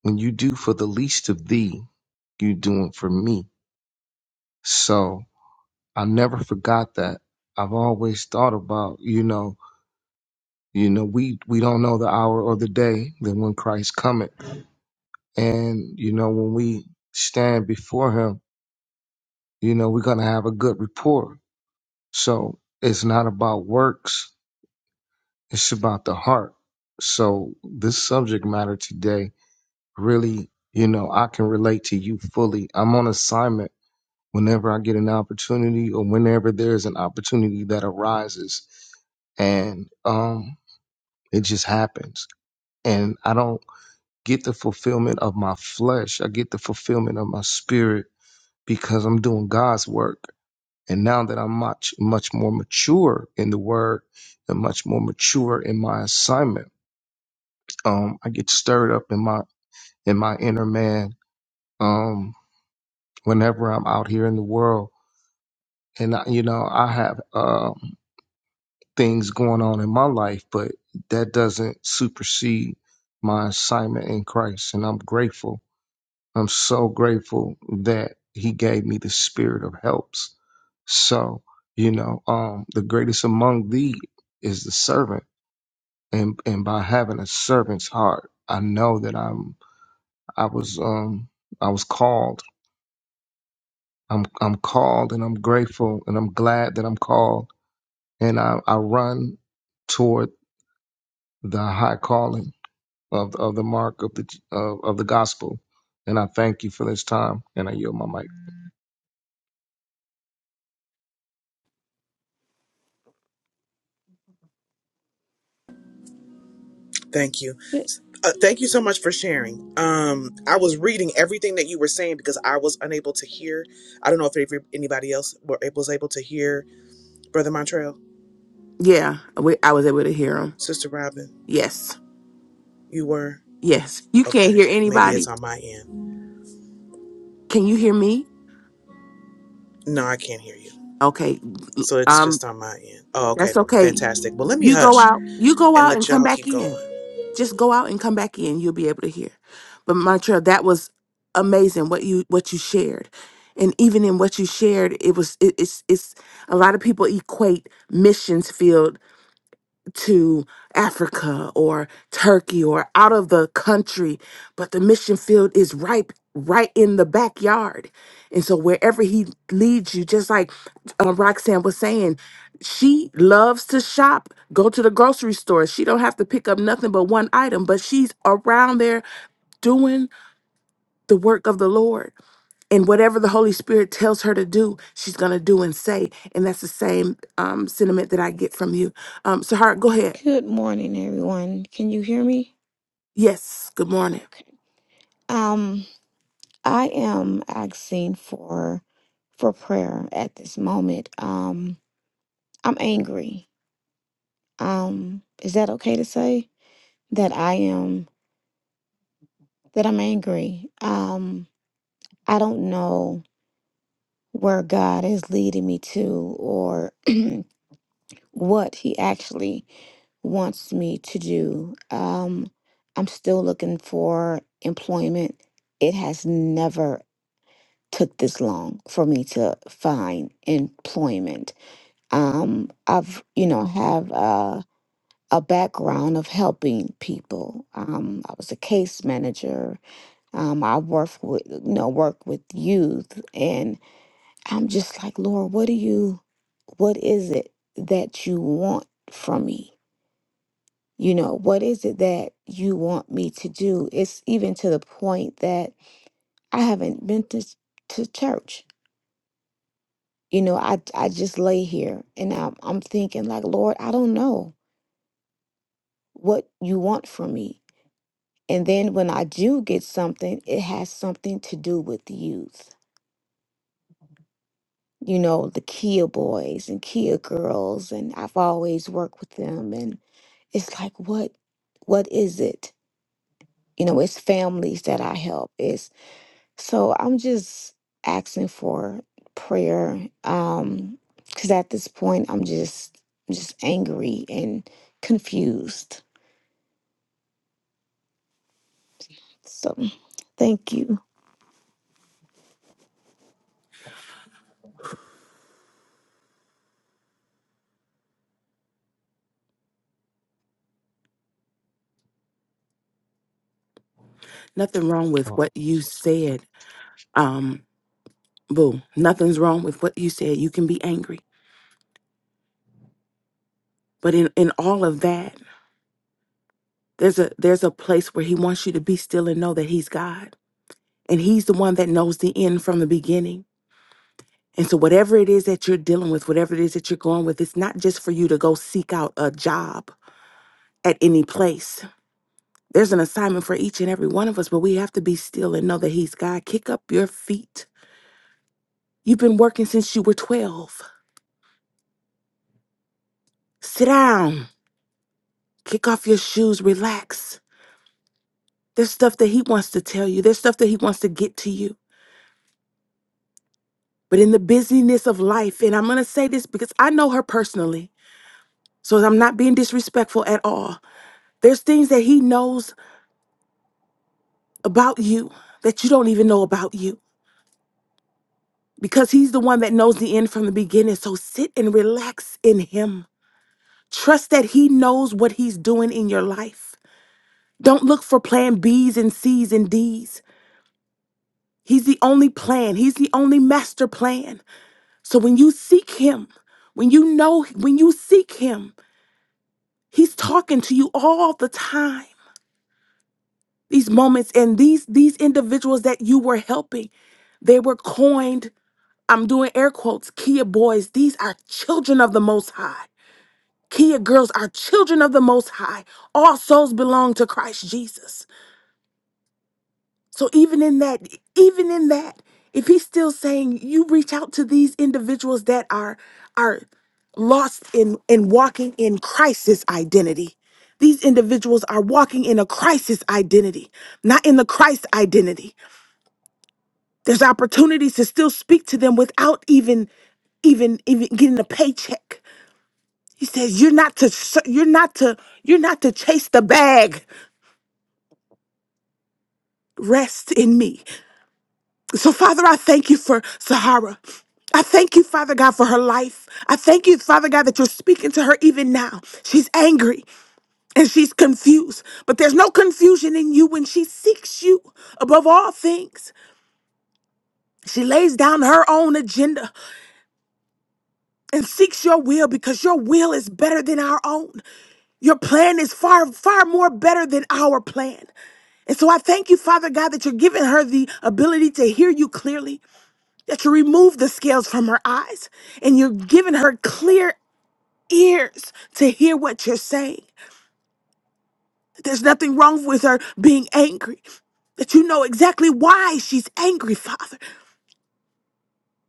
when you do for the least of thee, you doing for me. So I never forgot that. I've always thought about, you know, you know, we we don't know the hour or the day that when Christ cometh And, you know, when we stand before him, you know, we're going to have a good rapport. So it's not about works, it's about the heart. So this subject matter today really, you know, I can relate to you fully. I'm on assignment whenever I get an opportunity or whenever there's an opportunity that arises and um it just happens and i don't get the fulfillment of my flesh i get the fulfillment of my spirit because I'm doing God's work. And now that I'm much, much more mature in the word and much more mature in my assignment, um, I get stirred up in my, in my inner man, um, whenever I'm out here in the world. And, I, you know, I have, um, things going on in my life, but that doesn't supersede my assignment in Christ. And I'm grateful I'm so grateful that he gave me the spirit of helps. So, you know, um, the greatest among thee is the servant. And, and by having a servant's heart, I know that I'm, I was, um, I was called. I'm, I'm called and I'm grateful and I'm glad that I'm called and I, I run toward the high calling of, of the mark of the, of, of the gospel. And I thank you for this time and I yield my mic. Thank you. Good, Uh, thank you so much for sharing. Um, I was reading everything that you were saying because I was unable to hear. I don't know if every- anybody else were able, was able to hear Brother Montrell, yeah. We, I was able to hear him. Sister Robin. Yes. You were Yes, you can't okay. hear Maybe it's anybody. on my end. Can you hear me? No, I can't hear you. Okay. So it's Um just on my end. Oh, okay, that's okay. fantastic. Well, let me You go hush out. You go and out and let come y'all back keep in. going. Just go out and come back in. You'll be able to hear. But Montreal, that was amazing what you what you shared. And even in what you shared, it was it, it's it's a lot of people equate missions field to Africa or Turkey or out of the country, but the mission field is right right in the backyard. And so wherever he leads you, just like uh, Roxanne was saying, she loves to shop, go to the grocery store. She don't have to pick up nothing but one item, but she's around there doing the work of the Lord. And whatever the Holy Spirit tells her to do, she's gonna do and say. And that's the same um, sentiment that I get from you. Um, Sahar, go ahead. good morning, everyone. Can you hear me? Yes, good morning. Okay. Um, I am asking for for prayer at this moment. Um, I'm angry. Um, is that okay to say that I am that I'm angry? Um, I don't know where God is leading me to or what He actually wants me to do. Um, I'm still looking for employment. It has never took this long for me to find employment. Um, I've, you know, have uh, a background of helping people. Um, I was a case manager. Um, I worked with, you know, work with youth, and I'm just like, Lord, what do you, what is it that you want from me? you know, what is it that you want me to do? It's even to the point that I haven't been to, to church. You know, I, I just lay here and I'm, I'm thinking, like, Lord, I don't know what you want from me. And then when I do get something, it has something to do with the youth. You know, the Kia boys and Kia girls, and I've always worked with them. And it's like, what, what is it? You know, it's families that I help. It's So I'm just asking for prayer. Um, because at this point I'm just just angry and confused. So thank you. Nothing wrong with Fa- what you said. Um, boo. Nothing's wrong with what you said. You can be angry. But in, in all of that, there's a there's a place where he wants you to be still and know that he's God. And he's the one that knows the end from the beginning. And so whatever it is that you're dealing with, whatever it is that you're going with, it's not just for you to go seek out a job at any place. There's an assignment for each and every one of us, but we have to be still and know that he's God. Kick up your feet. You've been working since you were 12. Sit down, kick off your shoes, relax. There's stuff that he wants to tell you, there's stuff that he wants to get to you. But in the busyness of life, and I'm going to say this because I know her personally, so I'm not being disrespectful at all. There's things that he knows about you that you don't even know about you because he's the one that knows the end from the beginning. So sit and relax in him. Trust that he knows what he's doing in your life. Don't look for plan B's and C's and D's. He's the only plan. He's the only master plan. So when you seek him, when you know, when you seek him, he's talking to you all the time. These moments and these these individuals that you were helping, they were coined, I'm doing air quotes, Kia boys. These are children of the most high. Kia girls are children of the most high. All souls belong to Christ Jesus. So even in that, even in that, if he's still saying you reach out to these individuals that are are lost in in walking in crisis identity. These individuals are walking in a crisis identity, not in the Christ identity. There's opportunities to still speak to them without even even even getting a paycheck. He says you're not to ser- you're not to you're not to chase the bag. Rest in me. So, Father, I thank you for Sahara. I thank you, Father God, for her life. I thank you, Father God, that you're speaking to her even now. She's angry and she's confused, but there's no confusion in you when she seeks you above all things. She lays down her own agenda and seeks your will because your will is better than our own. Your plan is far, far more better than our plan. And so I thank you, Father God, that you're giving her the ability to hear you clearly that you remove the scales from her eyes and you're giving her clear ears to hear what you're saying. There's nothing wrong with her being angry, that you know exactly why she's angry, Father.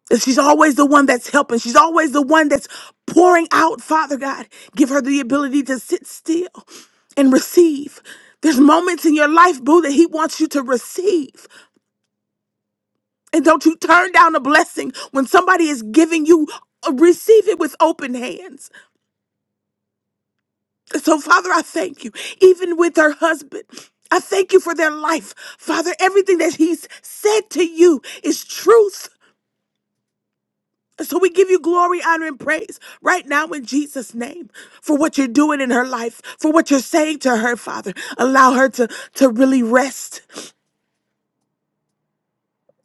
That she's always the one that's helping, she's always the one that's pouring out, Father God. Give her the ability to sit still and receive. There's moments in your life, boo, that he wants you to receive. And don't you turn down a blessing when somebody is giving you, uh, receive it with open hands. So, Father, I thank you, even with her husband. I thank you for their life. Father, everything that he's said to you is truth. So we give you glory, honor, and praise right now in Jesus' name for what you're doing in her life, for what you're saying to her, Father. Allow her to, to really rest,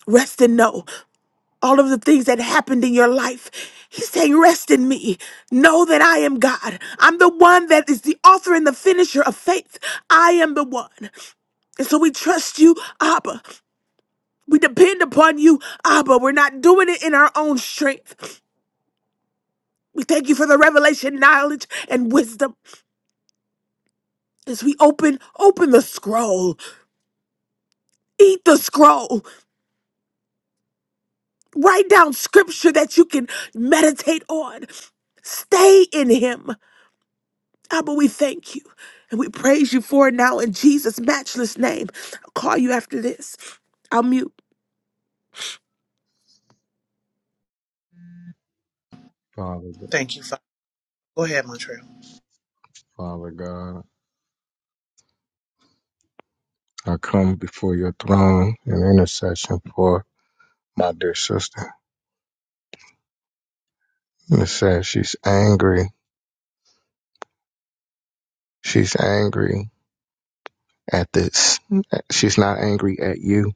rest and know all of the things that happened in your life. He's saying, Rest in me. Know that I am God. I'm the one that is the author and the finisher of faith. I am the one. And so we trust you, Abba. We depend upon you, Abba. We're not doing it in our own strength. We thank you for the revelation, knowledge, and wisdom. As we open, open the scroll. Eat the scroll. Write down scripture that you can meditate on. Stay in him. Abba, we thank you. And we praise you for it now in Jesus' matchless name. I'll call you after this. I'll mute. Father, Thank you. Fa- Go ahead, Montrell. Father God, I come before your throne in intercession for my dear sister. It says she's angry. She's angry at this. She's not angry at you.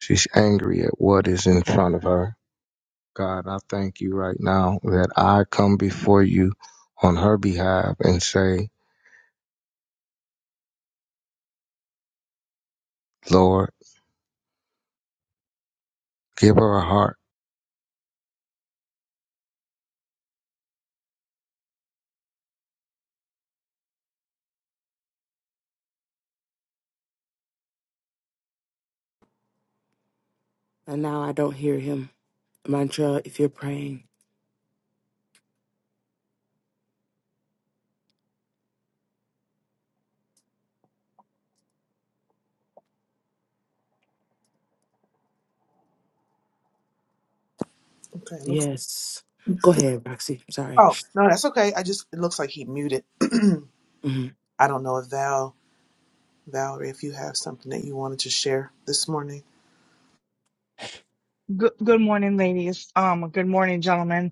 She's angry at what is in front of her. God, I thank you right now that I come before you on her behalf and say, Lord, give her a heart. And now I don't hear him. Montreal, if you're praying. Okay, looks Yes. Go ahead, Roxy. I'm sorry. Oh, no, that's okay. I just, it looks like he muted. hmm I don't know if Val, Valerie, if you have something that you wanted to share this morning. Good, good morning, ladies. Um, good morning, gentlemen.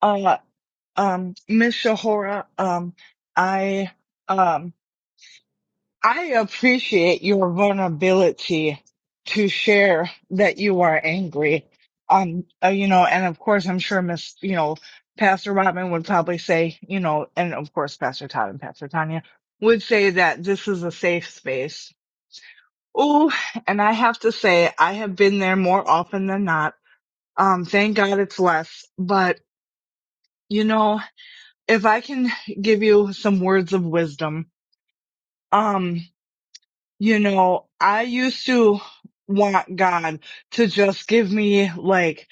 Uh, um, Miss Shahora, um, I, um, I appreciate your vulnerability to share that you are angry. Um, uh, you know, and of course, I'm sure Miss, you know, Pastor Robin would probably say, you know, and of course, Pastor Todd and Pastor Tanya would say that this is a safe space. Ooh, and I have to say, I have been there more often than not um, thank God it's less. But, you know, if I can give you some words of wisdom, um, you know, I used to want God to just give me like,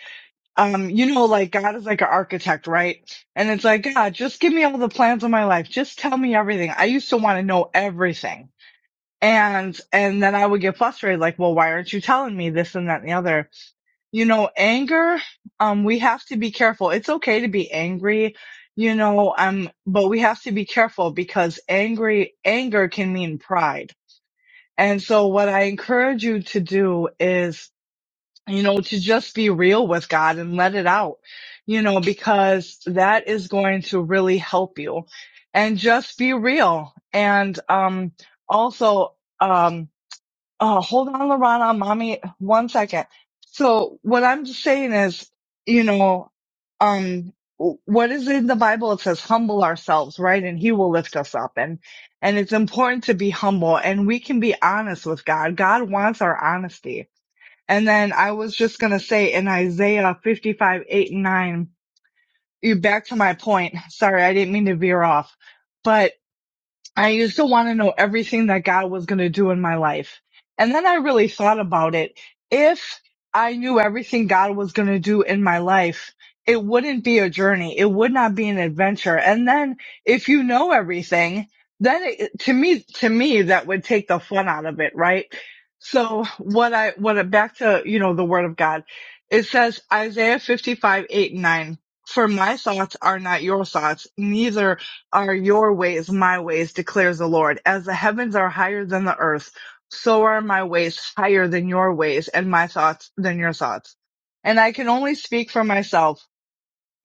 um, you know, like God is like an architect, right? And it's like, God, just give me all the plans of my life. Just tell me everything. I used to want to know everything. And, and then I would get frustrated, like, well, why aren't you telling me this and that and the other? you know, anger, um, we have to be careful. It's okay to be angry, you know, um, but we have to be careful because angry, anger can mean pride. And so what I encourage you to do is, you know, to just be real with God and let it out, you know, because that is going to really help you and just be real. And, um, also, um. Oh, hold on, Lorana, mommy, one second. So what I'm just saying is, you know, um, w- what is in the Bible? It says humble ourselves, right? And he will lift us up. And, and it's important to be humble and we can be honest with God. God wants our honesty. And then I was just going to say in Isaiah 55, 8 and 9, you back to my point. Sorry. I didn't mean to veer off, I used to want to know everything that God was going to do in my life. And then I really thought about it. If I knew everything God was going to do in my life, it wouldn't be a journey. It would not be an adventure. And then if you know everything, then it, to me, to me, that would take the fun out of it, right? So what I, what I, back to, you know, the word of God, it says Isaiah 55, 8 and 9, for my thoughts are not your thoughts, neither are your ways my ways, declares the Lord. As the heavens are higher than the earth, so are my ways higher than your ways and my thoughts than your thoughts. And I can only speak for myself,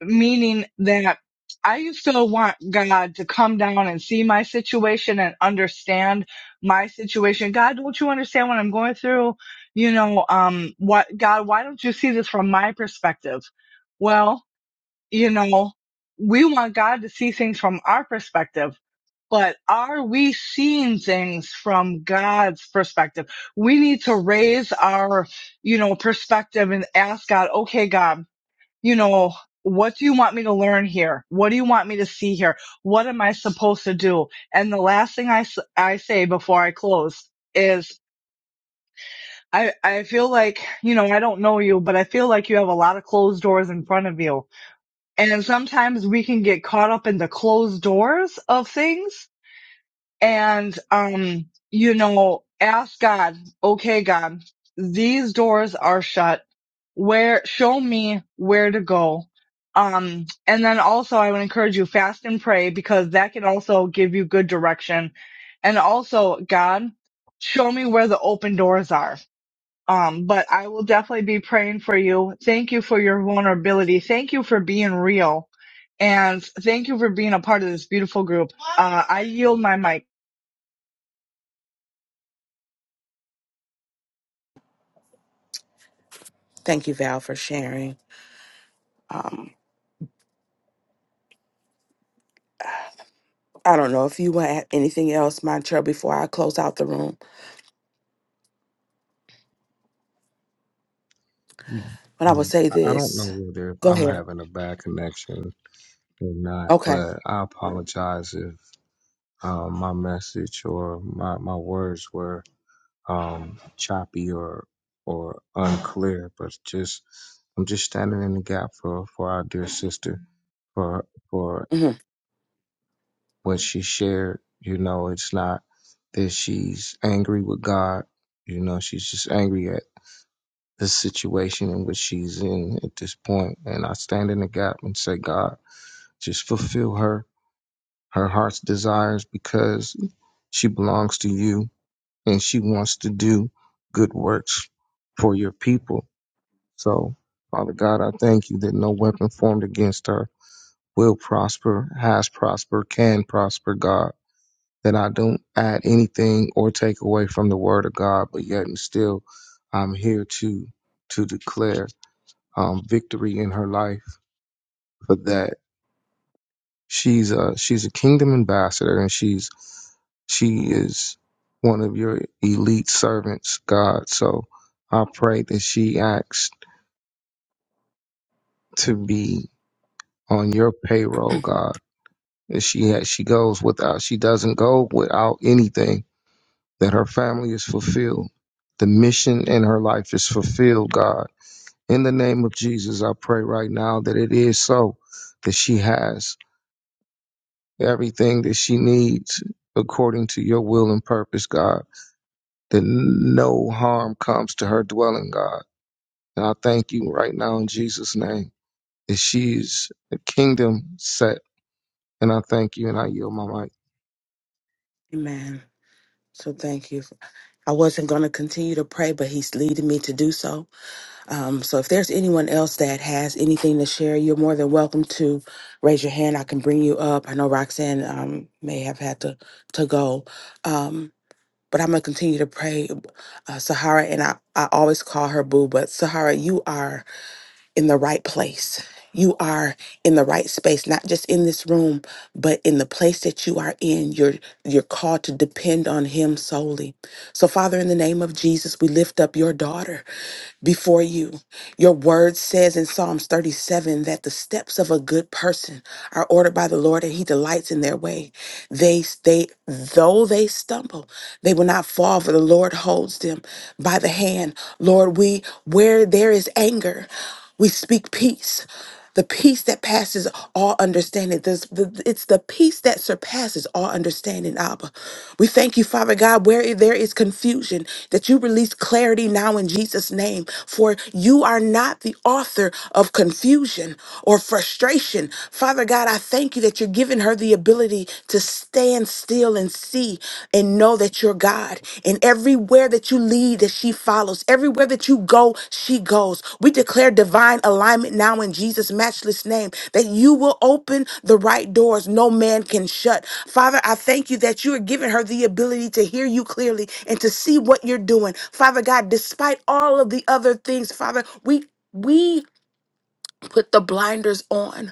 meaning that I used to want God to come down and see my situation and understand my situation. God, don't you understand what I'm going through? You know, um, what, God, why don't you see this from my perspective? Well, you know, we want God to see things from our perspective but are we seeing things from God's perspective? We need to raise our, you know, perspective and ask God, okay, God, you know, what do you want me to learn here? What do you want me to see here? What am I supposed to do? And the last thing I, s- I say before I close is I, I feel like, you know, I don't know you, but I feel like you have a lot of closed doors in front of you. And sometimes we can get caught up in the closed doors of things and um you know ask god okay god these doors are shut where show me where to go um and then also i would encourage you fast and pray because that can also give you good direction and also god show me where the open doors are um but i will definitely be praying for you thank you for your vulnerability thank you for being real and thank you for being a part of this beautiful group uh, i yield my mic Thank you, Val, for sharing. Um, I don't know if you want to add anything else, Montreal, before I close out the room, Yeah, but I will yeah. say I I don't know this. whether if Go I'm ahead. having a bad connection or not, Okay. but I apologize if. um, my message or my, my words were um, choppy or or unclear, but just I'm just standing in the gap for, for our dear sister for for hmm what she shared. You know, it's not that she's angry with God. You know, she's just angry at the situation in which she's in at this point. And I stand in the gap and say, God, just fulfill her her heart's desires because she belongs to you and she wants to do good works for your people. So, Father God, I thank you that no weapon formed against her will prosper, has prospered, can prosper, God. That I don't add anything or take away from the word of God, but yet and still I'm here to to declare um, victory in her life for that. She's a she's a kingdom ambassador, and she's she is one of your elite servants, God. So I pray that she acts to be on your payroll, God. That she has, she goes without she doesn't go without anything. That her family is fulfilled. The mission in her life is fulfilled, God. In the name of Jesus, I pray right now that it is so. That she has everything that she needs according to your will and purpose, God, that no harm comes to her dwelling, God. And I thank you right now in Jesus' name that she's a kingdom set. And I thank you and I yield my mic. Amen. So thank you. I wasn't going to continue to pray, but he's leading me to do so. Um, so if there's anyone else that has anything to share, you're more than welcome to raise your hand. I can bring you up. I know Roxanne um, may have had to, to go. Um, But I'm gonna continue to pray, uh, Sahara, and I, I always call her Boo. But Sahara, you are in the right place. You are in the right space, not just in this room, but in the place that you are in. You're you're called to depend on him solely. So Father, in the name of Jesus, we lift up your daughter before you. Your word says in Psalms 37 that the steps of a good person are ordered by the Lord and he delights in their way. They they though they stumble, they will not fall for the Lord holds them by the hand. Lord, we where there is anger, we speak peace. The peace that passes all understanding. This- the- it's the peace that surpasses all understanding, Abba. We thank you, Father God, where there is confusion, that you release clarity now in Jesus' name. For you are not the author of confusion or frustration. Father God, I thank you that you're giving her the ability to stand still and see and know that you're God. And everywhere that you lead, that she follows. Everywhere that you go, she goes. We declare divine alignment now in Jesus' matchless name that you will open the right doors no man can shut. Father, I thank you that you are giving her the ability to hear you clearly and to see what you're doing. Father God, despite all of the other things, Father, we we put the blinders on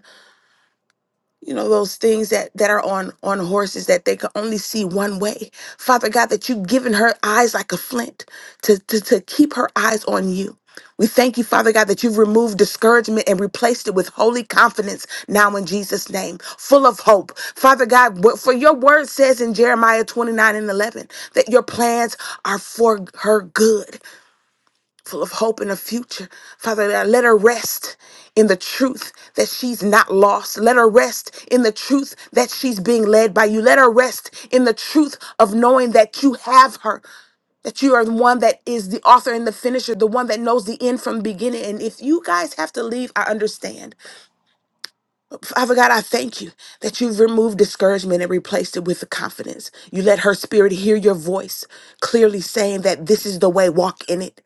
you know those things that that are on on horses that they can only see one way father god that you've given her eyes like a flint to to, to keep her eyes on you we thank you, Father God, that you've removed discouragement and replaced it with holy confidence now in Jesus' name, full of hope. Father God, what- for your word says in Jeremiah 29 and 11 that your plans are for her good full of hope and a future. Father, that let her rest in the truth that she's not lost. Let her rest in the truth that she's being led by you. Let her rest in the truth of knowing that you have her. That you are the one that is the author and the finisher, the one that knows the end from the beginning. And if you guys have to leave, I understand. Father God, I thank you that you've removed discouragement and replaced it with the confidence. You let her spirit hear your voice clearly saying that this is the way, walk in it.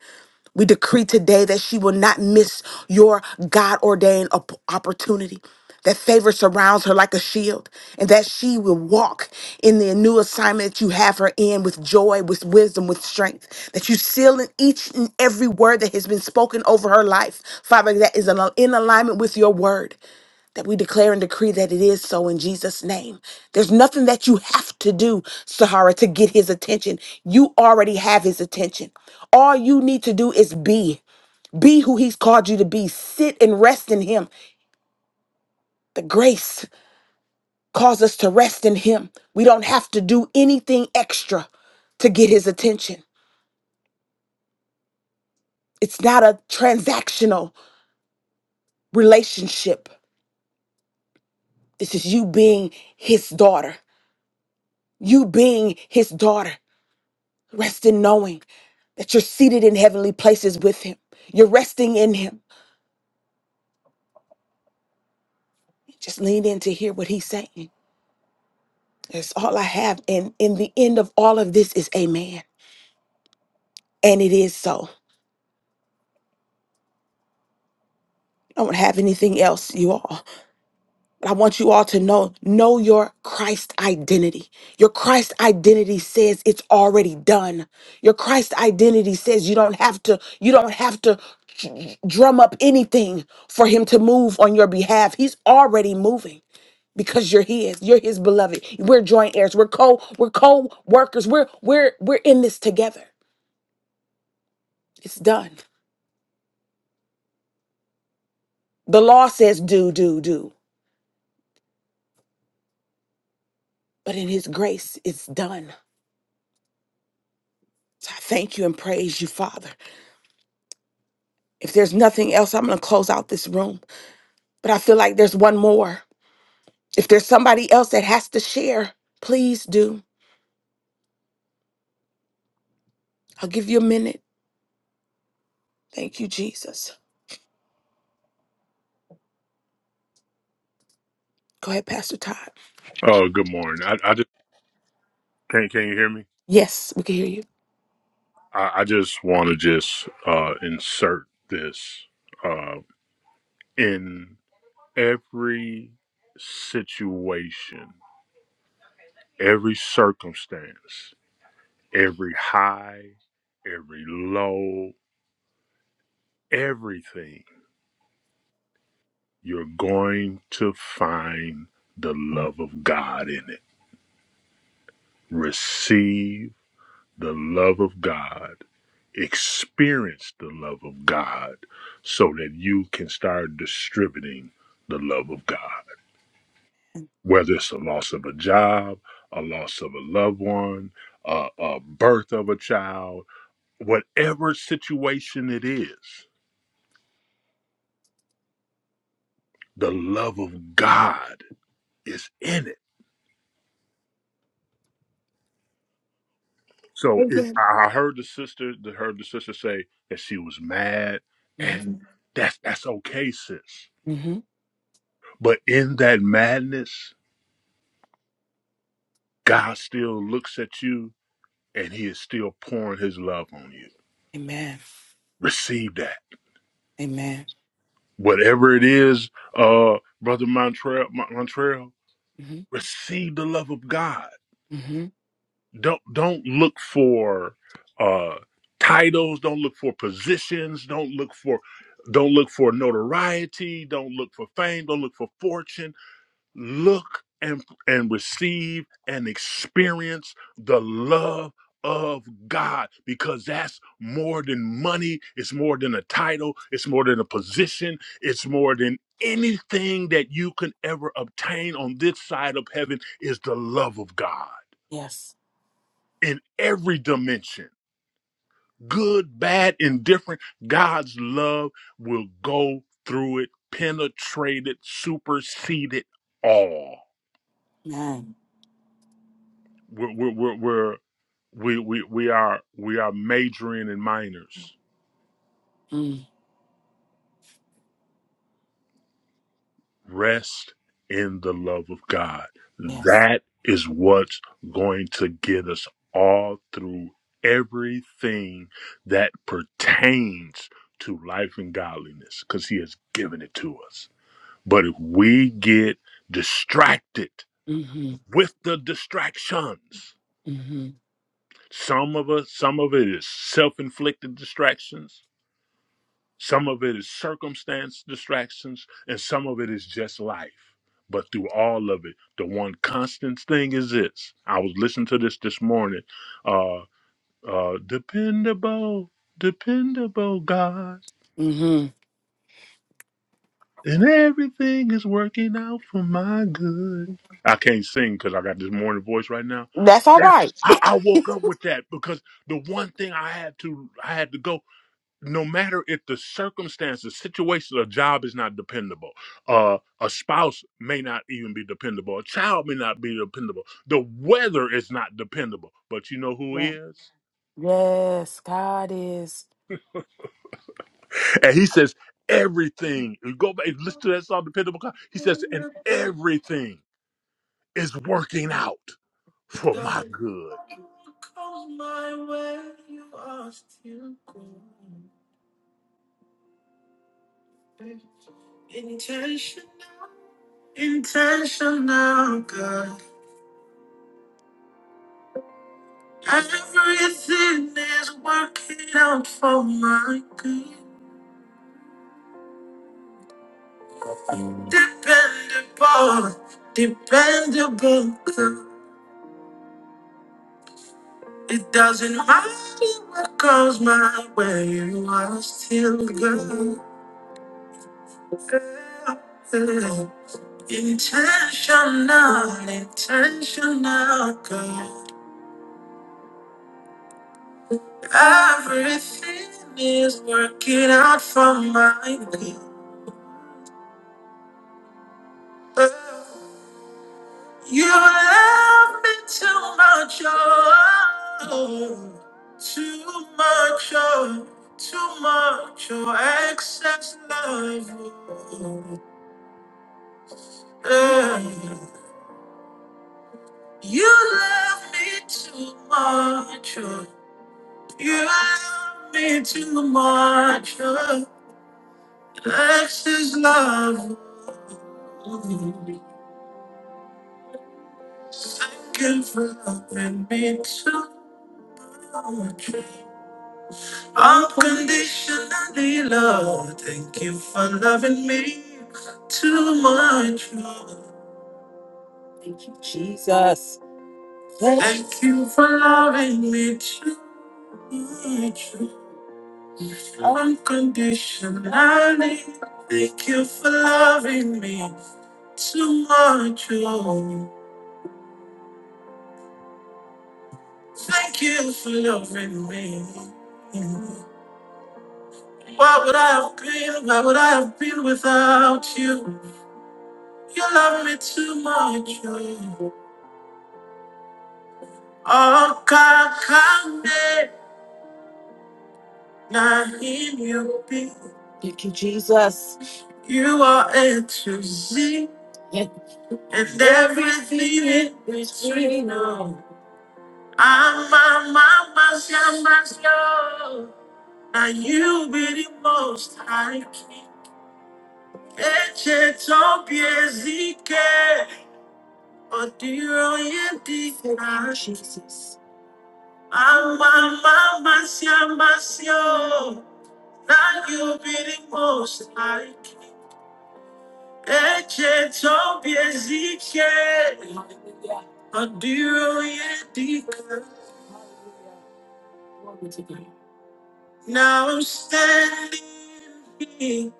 We decree today that she will not miss your God ordained opportunity. That favor surrounds her like a shield, and that she will walk in the new assignment that you have her in with joy, with wisdom, with strength. That you seal in each and every word that has been spoken over her life, Father, that is in alignment with your word that we declare and decree that it is so in Jesus' name. There's nothing that you have to do, Sahara, to get his attention. You already have his attention. All you need to do is be. Be who he's called you to be. Sit and rest in him. The grace calls us to rest in him. We don't have to do anything extra to get his attention. It's not a transactional relationship. This is you being his daughter. You being his daughter Rest in knowing that you're seated in heavenly places with Him. You're resting in Him. Just lean in to hear what He's saying. That's all I have. And in the end of all of this is Amen. And it is so. I don't have anything else, you all. I want you all to know know your Christ identity. Your Christ identity says it's already done. Your Christ identity says you don't have to you don't have to dr- drum up anything for him to move on your behalf. He's already moving because you're his. You're his beloved. We're joint heirs. We're co we're co-workers. We're we're we're in this together. It's done. The law says do do do, but in his grace it's done. So I thank you and praise you, Father. If there's nothing else, I'm going to close out this room. But I feel like there's one more. If there's somebody else that has to share, please do. I'll give you a minute. Thank you, Jesus. Go ahead, Pastor Todd. Oh, good morning. I, I just can can you hear me? Yes, we can hear you. I, I just want to just uh, insert this uh, in every situation, every circumstance, every high, every low, everything. You're going to find the love of God in it. Receive the love of God. Experience the love of God so that you can start distributing the love of God. Whether it's a loss of a job, a loss of a loved one, a, a birth of a child, whatever situation it is, the love of God is in it. So it, Amen. I I heard the sister, the- heard the sister say that she was mad, hmm and that's that's okay, sis. hmm But in that madness, God still looks at you and he is still pouring his love on you. Amen. Receive that. Amen. Whatever it is, uh, Brother Montreal, Mon- Montreal, hmm receive the love of God. hmm Don't don't look for uh titles, don't look for positions, don't look for don't look for notoriety, don't look for fame, don't look for fortune look and and receive and experience the love of God because that's more than money, it's more than a title, it's more than a position, it's more than anything that you can ever obtain on this side of heaven is the love of God Yes. in every dimension. Good, bad, indifferent, God's love will go through it, penetrate it, supersede it all Amen. We're we're we're we're we we we are we are majoring in minors. Mm. Rest in the love of God. Yes. That is what's going to get us all through everything that pertains to life and godliness cuz he has given it to us. But if we get distracted hmm with the distractions, hmm some of us some of it is self-inflicted distractions Some of it is circumstance distractions, and some of it is just life. But through all of it, the one constant thing is this. I was listening to this this morning. Uh, uh, dependable, dependable God, hmm and everything is working out for my good. I can't sing because I got this morning voice right now. That's all That right. I, I woke up with that because the one thing I had to I had to go. no matter if the circumstances, situation, a job is not dependable, uh, a spouse may not even be dependable, a child may not be dependable, the weather is not dependable, but you know who Yeah. is? Yes, God is. And he says, everything, you go back, listen to that song, Dependable God. He says, and everything is working out for my good. Goes my way, you are still good. Intentional, intentional, God. Everything is working out for my good. Dependable, dependable, God. It doesn't matter what goes my way, you are still good. Intentional, intentional, God. Everything is working out for my good. You love me too much, oh, too much, oh, too much, oh, excess love. Oh, eh. You love me too much, oh. You love me too much. This is love. Second for loving me too much. Unconditionally love. Thank you for loving me too much. Thank you, Jesus. Thank you for loving me too much. Unconditionally, thank you for loving me too much. Oh, thank you for loving me. Why would I have been? Why would I have been without you? You love me too much. Oh, oh God, come now you be. Thank you, Jesus. You are A to Z. and everything in between. Oh, I'm my mama's mama's love. Now you be the most high king. Eche topie zike, odiro yedi na. Jesus. I'm my mama's mama's love. Now you be the most high king. Eche topie zike, odiro yedi Now I'm standing here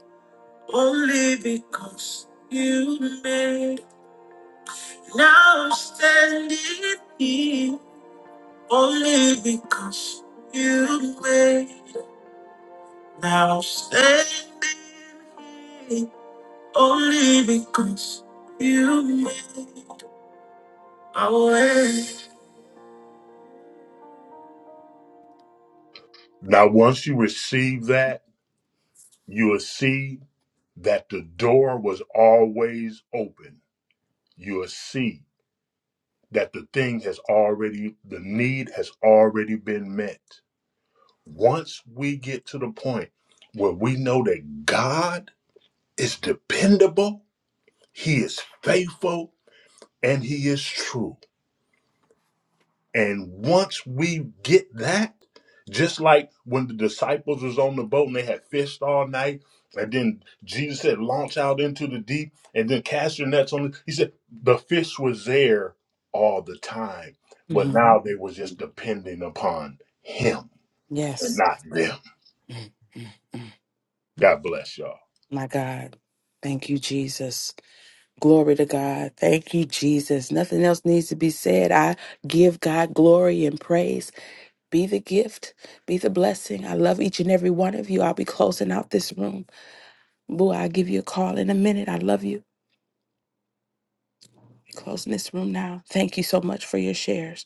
only because you made. Now I'm standing here only because you made. Now I'm standing here only because you made my way. Now, once you receive that, you will see that the door was always open. You will see that the thing has already, the need has already been met. Once we get to the point where we know that God is dependable, He is faithful, and He is true And once we get that, just like when the disciples was on the boat and they had fished all night, and then Jesus said, launch out into the deep and then cast your nets on it. He said, the fish was there all the time, but hmm now they was just depending upon him Yes. and not them. God bless y'all. My God. Thank you, Jesus. Glory to God. Thank you, Jesus. Nothing else needs to be said. I give God glory and praise. Be the gift, be the blessing. I love each and every one of you. I'll be closing out this room. Boo, I'll give you a call in a minute. I love you. Closing this room now. Thank you so much for your shares.